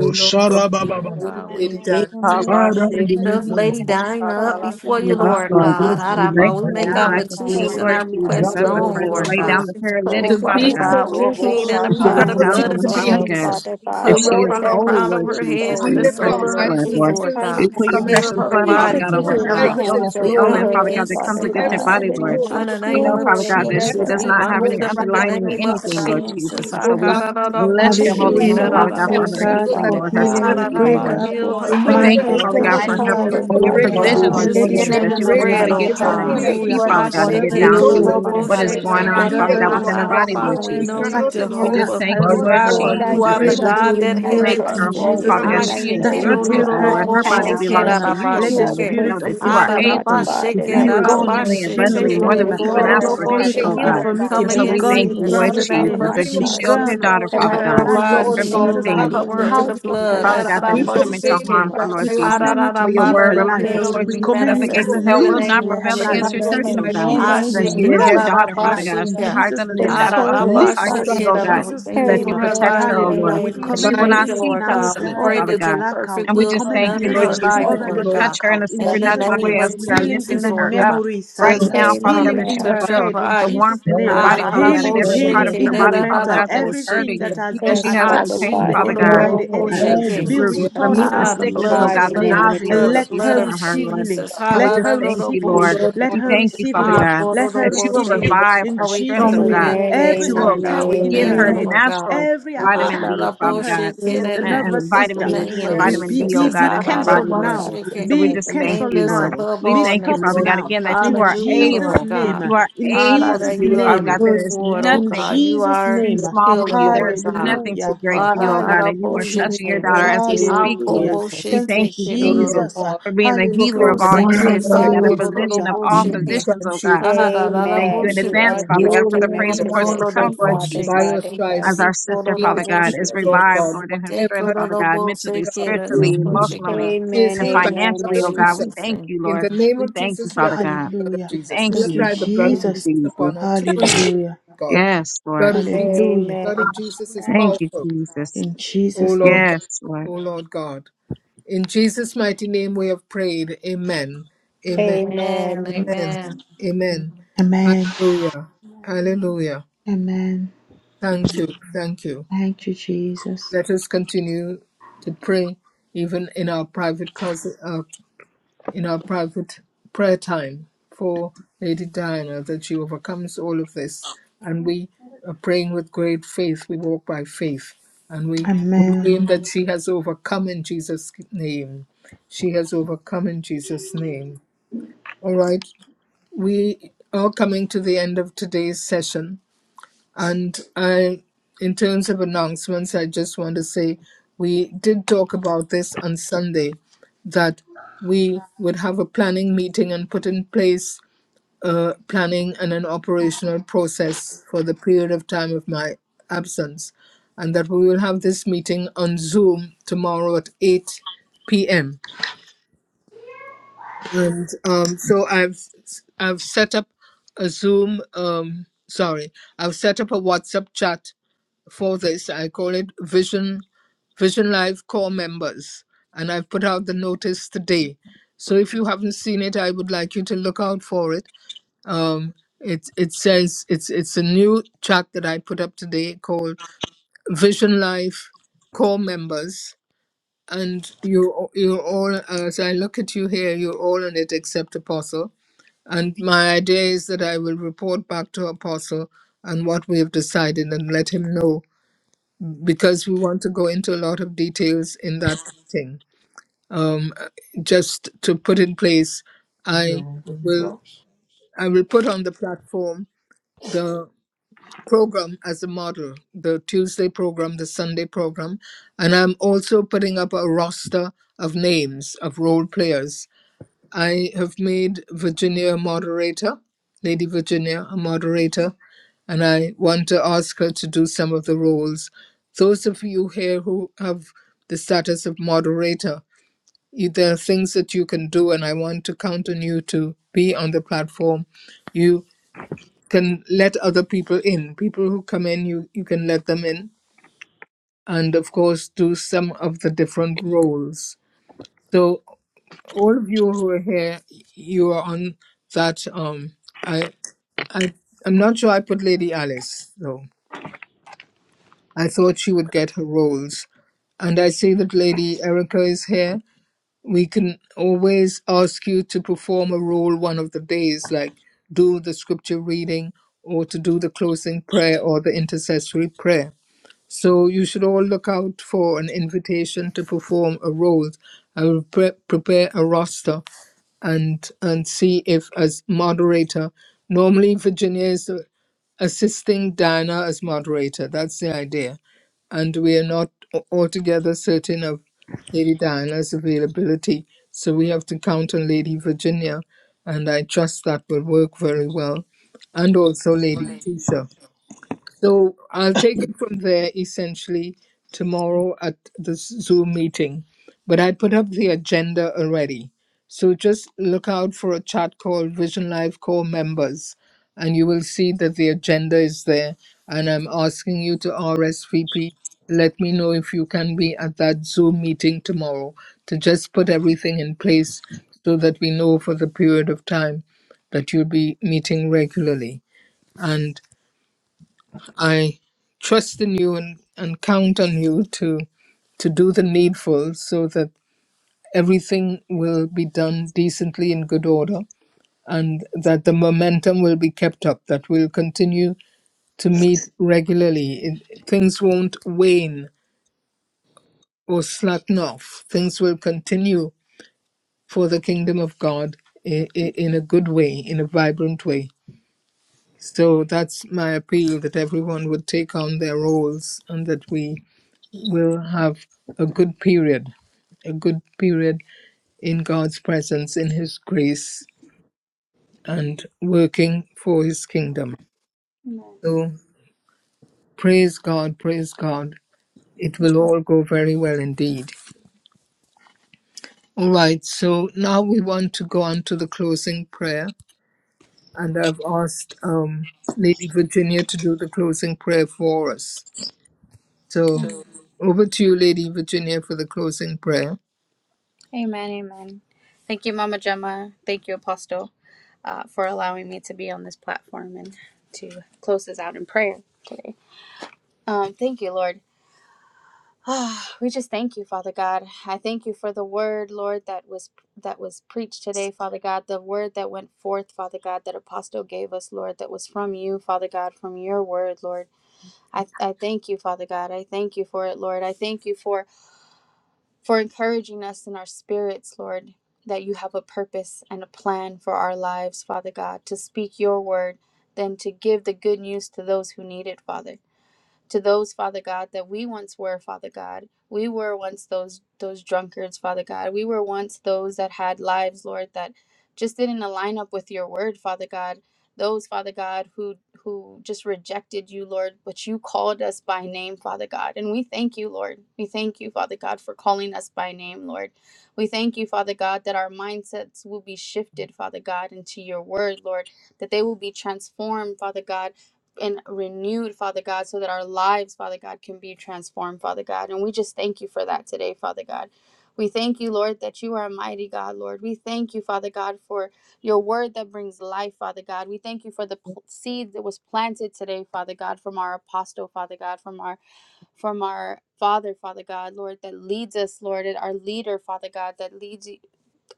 Oh Lord God, we for sharabababa. the bring God, mighty Lady we name of Dan to Father, Ekabashi in the Hallelujah, because name the lift of Jesus. you. Lady Lady kurubo Jesus, Diana Dinah Thank up Amen. shakala you, before Lord you, God. Yes, Lord we Thank made Lord. you, We pray Lord God. for akabashi we God. you, lay Araba, We her Thank We God. I make you, you our down love at Holy Lord thank the you, her God. feet, petitions by Lord and dikiri prayer Jesus. Lord God. the our and uh, Jesus. requests to As the kurubo you, known, Thank friends Lord Lord Gadarabo, lay Lord God. down God. shabashi the Jesus In Christ, Oh, paralytic, To we Father Father be the God. just incredible mighty God, put we your name of kurubo mirage that plead and Jesus. And healing we she cry will apply the out tell is shakabashi. hands to the you blood her, of to over be her Father body her, mayadabo, God, help. Jesus. Father of O Jesus that God, Cover she that Thank her Lord is Christ you, from the God, Lord whatever whole, crown she covered of Lord God, her is from Lord the Jesus, head to God, top we in the going your you of her lift sole have of our head through, to precious her Lord blood, eyes the God to feet, soles the Lord. of Jesus and her Lord hills feet, We God. Christ, Christian whence put and your Father and God, cometh Heal precious Almighty her our blood, you name help. that Father of you body, God, put sitarabo, your heal over Lord Our her, every healing help God. Father God. is in God, hands illness and the We over in Lord. ailment, come Father her, Thank God, that you, against comes Father Our Lord God, against help her sickness is for God, body, in you and are Lord. the that Jehovah you In Lord the Rapha. We of heal name know, God, of her, Father that God, that Our Jesus' healeth she whatever thee Jesus, help is does in the hidden thing we Lord. in of not my have ailment wind any it Jehovah up she is in the We Rapha, our God underlying Jesus. pray, name going of of Father through, anything, God, healing. Lord Lord Lord Jesus. Jesus. Jesus, Jesus And so O Lord, we God, Christ. Behind that you, the you intervene. bless As your leaders she Akarararaboshake, in holy is the send name, Hallelujah. remove five so We Father that God, in for pray, every transgression her exhausted, Jesus' God, evil arararabashake. with healing, that name, Father Father for has Lord, life. her been God God, healing. swift We that in besetting. you healing, pray, Lord. Araraba, heaven, God, would The come, for Heal Lord, her just in We Remove heal your body, thank you, God, her, every name, Lord the in Father give the God, evil. her God. people mighty for manifestation. her of name Heal of Give her. comfort, our her your Jesus, God, Father Hallelujah. Lord. breakthrough. provision, ayatabo, Healing God. In Lord is the Lady Your Give Jesus, sharab, her she that name she is children's lives will Diana's be to great, able bread, to breakthrough. live life, get oh Father Give in to I her the the God. would God. mighty have healing. You PCP, hallelujah. are name the Father choose God, and of Give get Whatever wonderful going for is down through to counselor, total Father yedara, troubling what every God, is the her, restoration going great Ashekerororoboshake. element, dead I and on, Father am, whatever Father healing, O God, Father is within her God, Lord God, in the the body, God. Lord Araraba, mighty We healer We of know cry name Jesus. you, of healers, out fati- in Almighty Lord, We just ta- Jesus. unison. Jehovah thank the you, tiring Lord We of Lord cry her. bayatabo, Lords Lord, out Rapha. and I We the You in Jesus, are pray the as King agreement, of believe you that in you O God you that Kings. and You I Lord are remove God. name. make healeth it above her in trust thee. We in whole, every Jesus' cry Father you, God. out and name, single I She in thing, is know that God. agreement, you your that And we you O heal just are temple, her thank Lord you Lord. God. all in Her right body Ashekerororoboshake, now, Jesus' We God, belongs powerful. name. in to cry the out you, mighty oh Let You the are God, name of the and ararabashake. we in great know spirit agreement, Jesus. that of O you Lord are physician, God. Father able infirmity God, Ararabashake, and to We I be Lord. do cry out In know gone in exceedingly Jesus, that in name, you abundantly Jesus' ararabashete, go more can than we name. make it even before agreement, Let the ask O her, well, or Lord. think, Lord God, spirit for her Father of ikorororoboshe. oh healing, O Heal God. God. Lord her, We God, infirmity come And in God. I the so be mighty we against name gone thank We believe in you, of sickness cry this Lord in out the Jesus. with Jesus' all Jesus, in of name name. of my as you Be agreement heart, for shield your Jesus. her gone healing. daughter, Oh, and from Father I Heal God, her in the her God, O ask life mighty body, in this Lord in from name the of God, shield Jesus' her, anything name, come mighty and cover her name with out the of your of intervene. her blood. precious Father life God, in that We Son, is Jesus. coming to Jesus' Jesus proclaim Ararabashake, harm name. Oh, her, that Lord We by your Christ. Jesus. stripes command you to she For is your arararaba. live her word Let healed, her O life. reminds Lord us, healing Lord We God. be Jesus, command that you Amen. the We to gates of manifested in hell the proclaim will lose not name lose her, of God, her prevail in that the by against life mighty your name your Amen. of church, Jesus. in oh stripes God. she Amen. is Jesus' That name. Ashake, healed, she Jesus. O Amen. is your Lord. Lose daughter, her Father life God. ararabashake, in She hides Jesus' under the Things name. shadow so of the will Most Leave High Your Lord. her ararabashake, King, stripes in oh prosper. she arara- God, is We Jesus' thank and healed, O you that Lord for you name. her God. Amen, protect life, her, oh Lord amen, Hallelujah. Lord. God. We That We amen. Jesus, she command will By thank Jesus, not you, your healing see stripes Lord now God. Jesus. We pestilence, pray over Father the that your God. blackout. perfect And We we will just be command thank done you, in we Yes, Lord healing her are Jesus, life, that healed, over you O the yes. will Lord Lord God. touch God. her in a blackout in In the Jesus' By supernatural your name. name way as of we are stripes Healing in lifting Jesus, the her Lord we are up God, healed, memory O Lord right God. By your stripes we are healed, O Lord side, God. touch her now, Father God, healing stomach, that in she will Amen. her touch her feel head in the body. Jesus' warmth in her name, We Ah, body, da Father bayatabo, da God, in bo healing, every shake, part healing of in da her her body, sharababo, da da Father mental, da God, that bo is shake. everything hurting, that are has that been healed, she Yes, O has Lord Ah, God. any attacked Father with she pain, God, the ko Father enemy do God. do by Because your do the bo Lord, enemy Uh, enemy Lord uh, shake. every be Jesus We re- are restored pleased, Christ, remove in the now Ah, the the in O sickness, Lord oh blood, God, the God, mighty Jesus' the blood, name. the name of nausea, And blood, Lord the let blood Jesus. her Jesus, of from by her, receive Lord. healing. Jesus. Ha And we you, Let da just da her do thank do receive you, O bo healing. Lord. Lord shake. Let God We of her thank hosts. you, receive Father We Ah, healing. God, Let her that are you will praying, receive we Boroboshe. are praying healing very revive in God, her we strength, Jesus' thank oh strongly, O you name. God, Lord. in Amen, that Every advance, you will Lord amen, God. attack We We are in give her thank you, her praying very, head, amen. Lord God. natural every strongly, Ah, vitamin attack da, B, da, in Father her God, Boshe, O Lord. O kid, sys- Lord and We and, Everything, God, nervous and lift up the vitamin system Dear praying C name and of very. strongly. be, everything vitamin be, D, has oh be, Jesus, Jesus. be God, Ah, in her da, We are da, cancelled body, Father asking Lord. God now. Boshe, you, And in kid, so we Be The just heaven. thank name cancelled you, that's Lord. now. above We Be all thank O you, stopped names. Father Lord God, now. God, again, that you In are Hallelujah, been Jesus' done. Lord able. to name. God. You forgive are In Ah, able da, da, to Jesus' do you it, are Father name. God. There us. is You reward, are oh In able nothing to God. do You Jesus' are too We name, are small for pleading healer, you. There for Lord is mercy, God. nothing O too hallelujah, Lord God. We are pleading for mercy, O Lord great God. Ah, for you, da, oh da, God, da, and We you are are Boshe, hallelujah, pleading touching for mercy, your kid. daughter Oh, as we dear speak, Lord. hallelujah. Akobo We Jesus. Thank you, thank shete you, O Lord Jesus, Jesus, kerororobo. God. for being We the healer Iko of proclaim that all hallelujah, by man your healers, and Father stripes seksese God, a she everyone, is healed. physician hallelujah, of korororobo all By your mm, sheke. physicians, stripes oh she is God. healed. And we thank Arararabo you Amen. in You By your are advance, stripes you sheke. she the Father is healed, God, for the ultimate praise O Lord reports God. will to possession, come, Ikororobo Lord Father succumb. By Jesus. sheke. your God in As stripes, heaven. our sister, she Father is Sikororobo God, healed, is sheke. Lord revived, God. Lord, in her Whatever strength, has Father been God, Tekororobo mentally, done to sheke. her, she is spiritually, Rorobo healed. Mm. emotionally, shekera. She is Amen, and healed by Thank the amen, you, blood financially, oh of God. Jesus. We amen. Jesus. thank Thank you, In Lord. the you. name We of thank you, Jesus, we Father apply God. the blood of hallelujah. We Jesus. thank We Thank you, you. apply the blood Thank of you, Jesus, Jesus Jesus. upon her through and through, hallelujah, Lord God. Yes, Lord. Blood of Jesus. hallelujah. Blood of Amen. Jesus is that. Thank you, powerful. Jesus. In O Jesus' Lord name, God. Yes, Lord. O Lord God. In Jesus' mighty name we have prayed. Amen. Amen. Amen. Amen. Amen. Amen. Amen. Amen. amen, Hallelujah. Amen. Hallelujah. amen. Thank you. Thank you. Thank you, Jesus, Let us continue to pray even in our private closet, uh, in our private prayer time for Lady Diana that she overcomes all of this. And we are praying with great faith. We walk by faith and we amen. proclaim that she has overcome in Jesus' name. She has overcome in Jesus' name. All right, we are coming to the end of today's session. And I, in terms of announcements, I just want to say we did talk about this on Sunday that we would have a planning meeting and put in place a planning and an operational process for the period of time of my absence. And that we will have this meeting on Zoom tomorrow at 8 p.m. And um, so I've I've set up a Zoom. Um, sorry, I've set up a WhatsApp chat for this. I call it Vision Vision Life Core Members, and I've put out the notice today. So if you haven't seen it, I would like you to look out for it. Um, it it says it's it's a new track that I put up today called Vision Life Core Members, and you you're all as I look at you here, you're all in it except Apostle. And my idea is that I will report back to Apostle and what we have decided and let him know because we want to go into a lot of details in that meeting. Um, uh, just to put in place, Did you I ever bring will drops? I will put on the platform the program as a model, the Tuesday program, the Sunday program, and I'm also putting up a roster of names of role players I have made Virginia a moderator, Lady Virginia a moderator, and I want to ask her to do some of the roles. Those of you here who have the status of moderator, you- there are things that you can do, and I want to count on you to be on the platform. You can let other people in. People who come in, you, you can let them in, and of course, do some of the different roles. So all of you who are here, you are on that. Um, I, I, I'm not sure I put Lady Alice though. I thought she would get her roles, and I see that Lady Erica is here. We can always ask you to perform a role one of the days, like do the scripture reading or to do the closing prayer or the intercessory prayer. So you should all look out for an invitation to perform a role. I will pre- prepare a roster and and see if as moderator. Normally Virginia is uh, assisting Diana as moderator. That's the idea, and we are not a- altogether certain of Lady Diana's availability. So we have to count on Lady Virginia, and I trust that will work very well, and also Lady Tisha. So I'll take it from there essentially tomorrow at the Zoom meeting. But I put up the agenda already. So just look out for a chat called Vision Life Core Members, and you will see that the agenda is there. And I'm asking you to RSVP. Let me know if you can be at that Zoom meeting tomorrow to just put everything in place so that we know for the period of time that you'll be meeting regularly. and. I trust in you and, and count on you to to do the needful so that everything will be done decently in good order and that the momentum will be kept up, that we'll continue to meet regularly. It, things won't wane or slacken off. Things will continue for the kingdom of God in, in a good way, in a vibrant way. So that's my appeal that everyone would take on their roles and that we will have a good period, a good period in God's presence, in His grace, and working for His kingdom. So praise God, praise God. It will all go very well indeed. All right, so now we want to go on to the closing prayer, and I've asked um, Lady Virginia to do the closing prayer for us. So over to you, Lady Virginia, for the closing prayer. Amen. Amen. Thank you, Mama Gemma. Thank you, Apostle, uh, for allowing me to be on this platform and to close this out in prayer today. Um, thank you, Lord. <sighs> Ah, we just thank you, Father God. I thank you for the word, Lord, that was that was preached today, Father God. The word that went forth, Father God, that apostle gave us, Lord, that was from you, Father God, from your word, Lord. I, I thank you, Father God. I thank you for it, Lord. I thank you for for encouraging us in our spirits, Lord, that you have a purpose and a plan for our lives, Father God, to speak your word, then to give the good news to those who need it, Father to those father god that we once were father god we were once those those drunkards father god we were once those that had lives lord that just didn't align up with your word father god those father god who who just rejected you lord but you called us by name father god and we thank you lord we thank you father god for calling us by name lord we thank you father god that our mindsets will be shifted father god into your word lord that they will be transformed father god and renewed, Father God, so that our lives, Father God, can be transformed, Father God. And we just thank you for that today, Father God. We thank you, Lord, that you are a mighty God, Lord. We thank you, Father God, for your word that brings life, Father God. We thank you for the pl- seed that was planted today, Father God, from our apostle, Father God, from our from our Father, Father God, Lord, that leads us, Lord, and our leader, Father God, that leads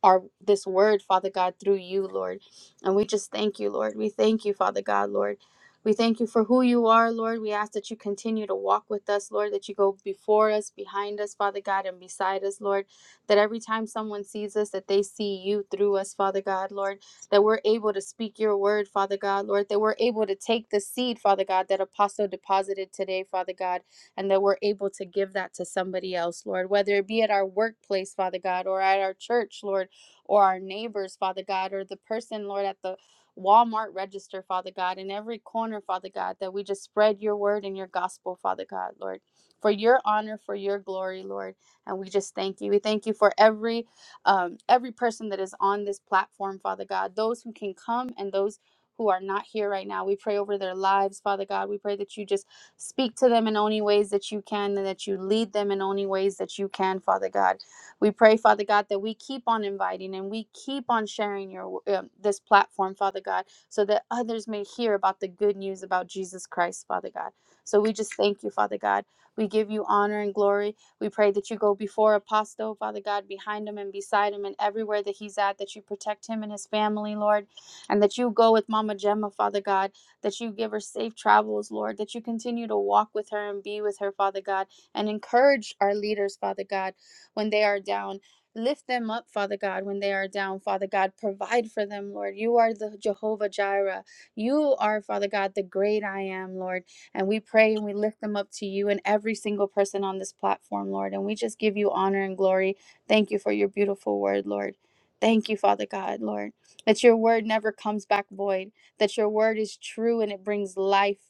our this word father god through you lord and we just thank you lord we thank you father god lord we thank you for who you are lord we ask that you continue to walk with us lord that you go before us behind us father god and beside us lord that every time someone sees us that they see you through us father god lord that we're able to speak your word father god lord that we're able to take the seed father god that apostle deposited today father god and that we're able to give that to somebody else lord whether it be at our workplace father god or at our church lord or our neighbors, Father God, or the person, Lord, at the Walmart register, Father God, in every corner, Father God, that we just spread your word and your gospel, Father God, Lord, for your honor, for your glory, Lord. And we just thank you. We thank you for every um, every person that is on this platform, Father God, those who can come and those who are not here right now. We pray over their lives, Father God. We pray that you just speak to them in only ways that you can and that you lead them in only ways that you can, Father God. We pray, Father God, that we keep on inviting and we keep on sharing your um, this platform, Father God, so that others may hear about the good news about Jesus Christ, Father God. So we just thank you, Father God. We give you honor and glory. We pray that you go before Apostle, Father God, behind him and beside him and everywhere that he's at, that you protect him and his family, Lord, and that you go with Mama Gemma, Father God, that you give her safe travels, Lord, that you continue to walk with her and be with her, Father God, and encourage our leaders, Father God when they are down. Lift them up, Father God, when they are down. Father God, provide for them, Lord. You are the Jehovah Jireh. You are, Father God, the great I am, Lord. And we pray and we lift them up to you and every single person on this platform, Lord. And we just give you honor and glory. Thank you for your beautiful word, Lord. Thank you, Father God, Lord, that your word never comes back void, that your word is true and it brings life,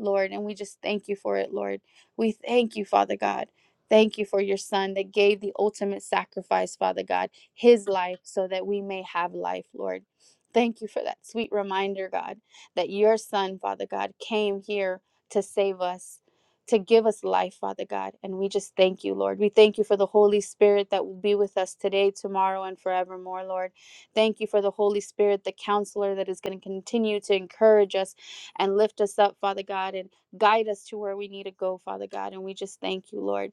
Lord. And we just thank you for it, Lord. We thank you, Father God. Thank you for your son that gave the ultimate sacrifice, Father God, his life so that we may have life, Lord. Thank you for that sweet reminder, God, that your son, Father God, came here to save us, to give us life, Father God. And we just thank you, Lord. We thank you for the Holy Spirit that will be with us today, tomorrow, and forevermore, Lord. Thank you for the Holy Spirit, the counselor that is going to continue to encourage us and lift us up, Father God, and guide us to where we need to go, Father God. And we just thank you, Lord.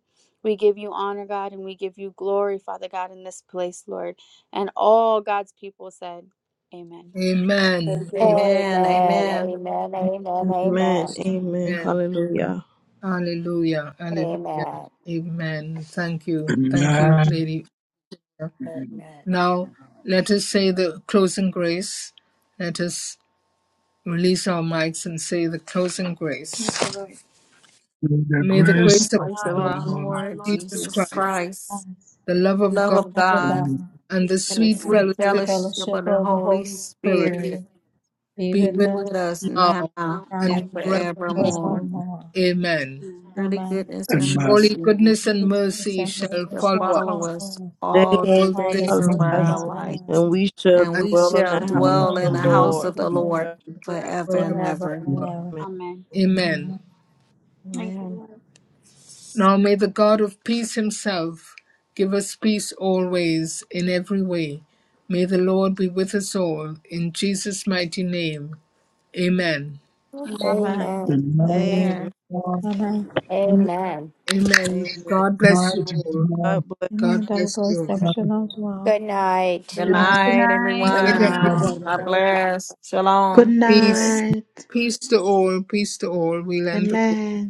We give you honor, God, and we give you glory, Father God, in this place, Lord. And all God's people said, Amen. Amen. Thank you, Lord. Amen. Thank Amen. Amen. Amen. Amen. you, Amen. Amen. Amen. Amen. Hallelujah. Hallelujah. Hallelujah. Amen. Amen. Thank you. Thank you, Amen. Lady. May Amen. Now, let us say the closing grace. Let us release our mics and say the closing Thank grace. you, Lord. the May the It's okay, grace grace of of Praise the God. the our Lord Lord Our Lord Lord Jesus Jesus Jesus Christ, Christ, Christ. Thanks. the love of Love God, of Lord God and God. and the and the sweet and the sweet fellowship sweet of fellowship of fellowship the of the Holy Holy the Spirit Spirit Spirit be be be with with with us us us now now now we and now and thank you for forevermore. forevermore. forevermore. Amen. you. And Surely Amen. goodness and and man, Surely mercy goodness and The mercy same shall mercy shall shall follow us follow follow us us They All the all the all the all the days are days God, of days the of our blessed, grace of our Jesus, life. lives, and we shall and I we speak dwell in the shall people and from We the house and the dwell of house shall in the the not shadow house Lord. of of be God, of the his Lord alone forever. forever and forever forever and ever. grace. and ever. ever. Amen. Amen. Amen. Amen. Thank you, Amen. Lord. Now may the God of peace himself give us peace always in every way. May the Lord be with us all in Jesus' mighty name. Amen. Amen. Amen. Amen. Amen. Amen. Amen. Good Amen. Amen. Amen. Amen. Amen. God bless Night, you good all. God night, bless Amen. God Double bless you grace, all. double good shalom to all. Good night. Good Good tonight. Good night, night. night, Good Love everyone. you night, everyone. all. God night. bless. Thank Shalom. Good you, Lord. Peace. night, Peace to all. Peace to all. We'll end the amen.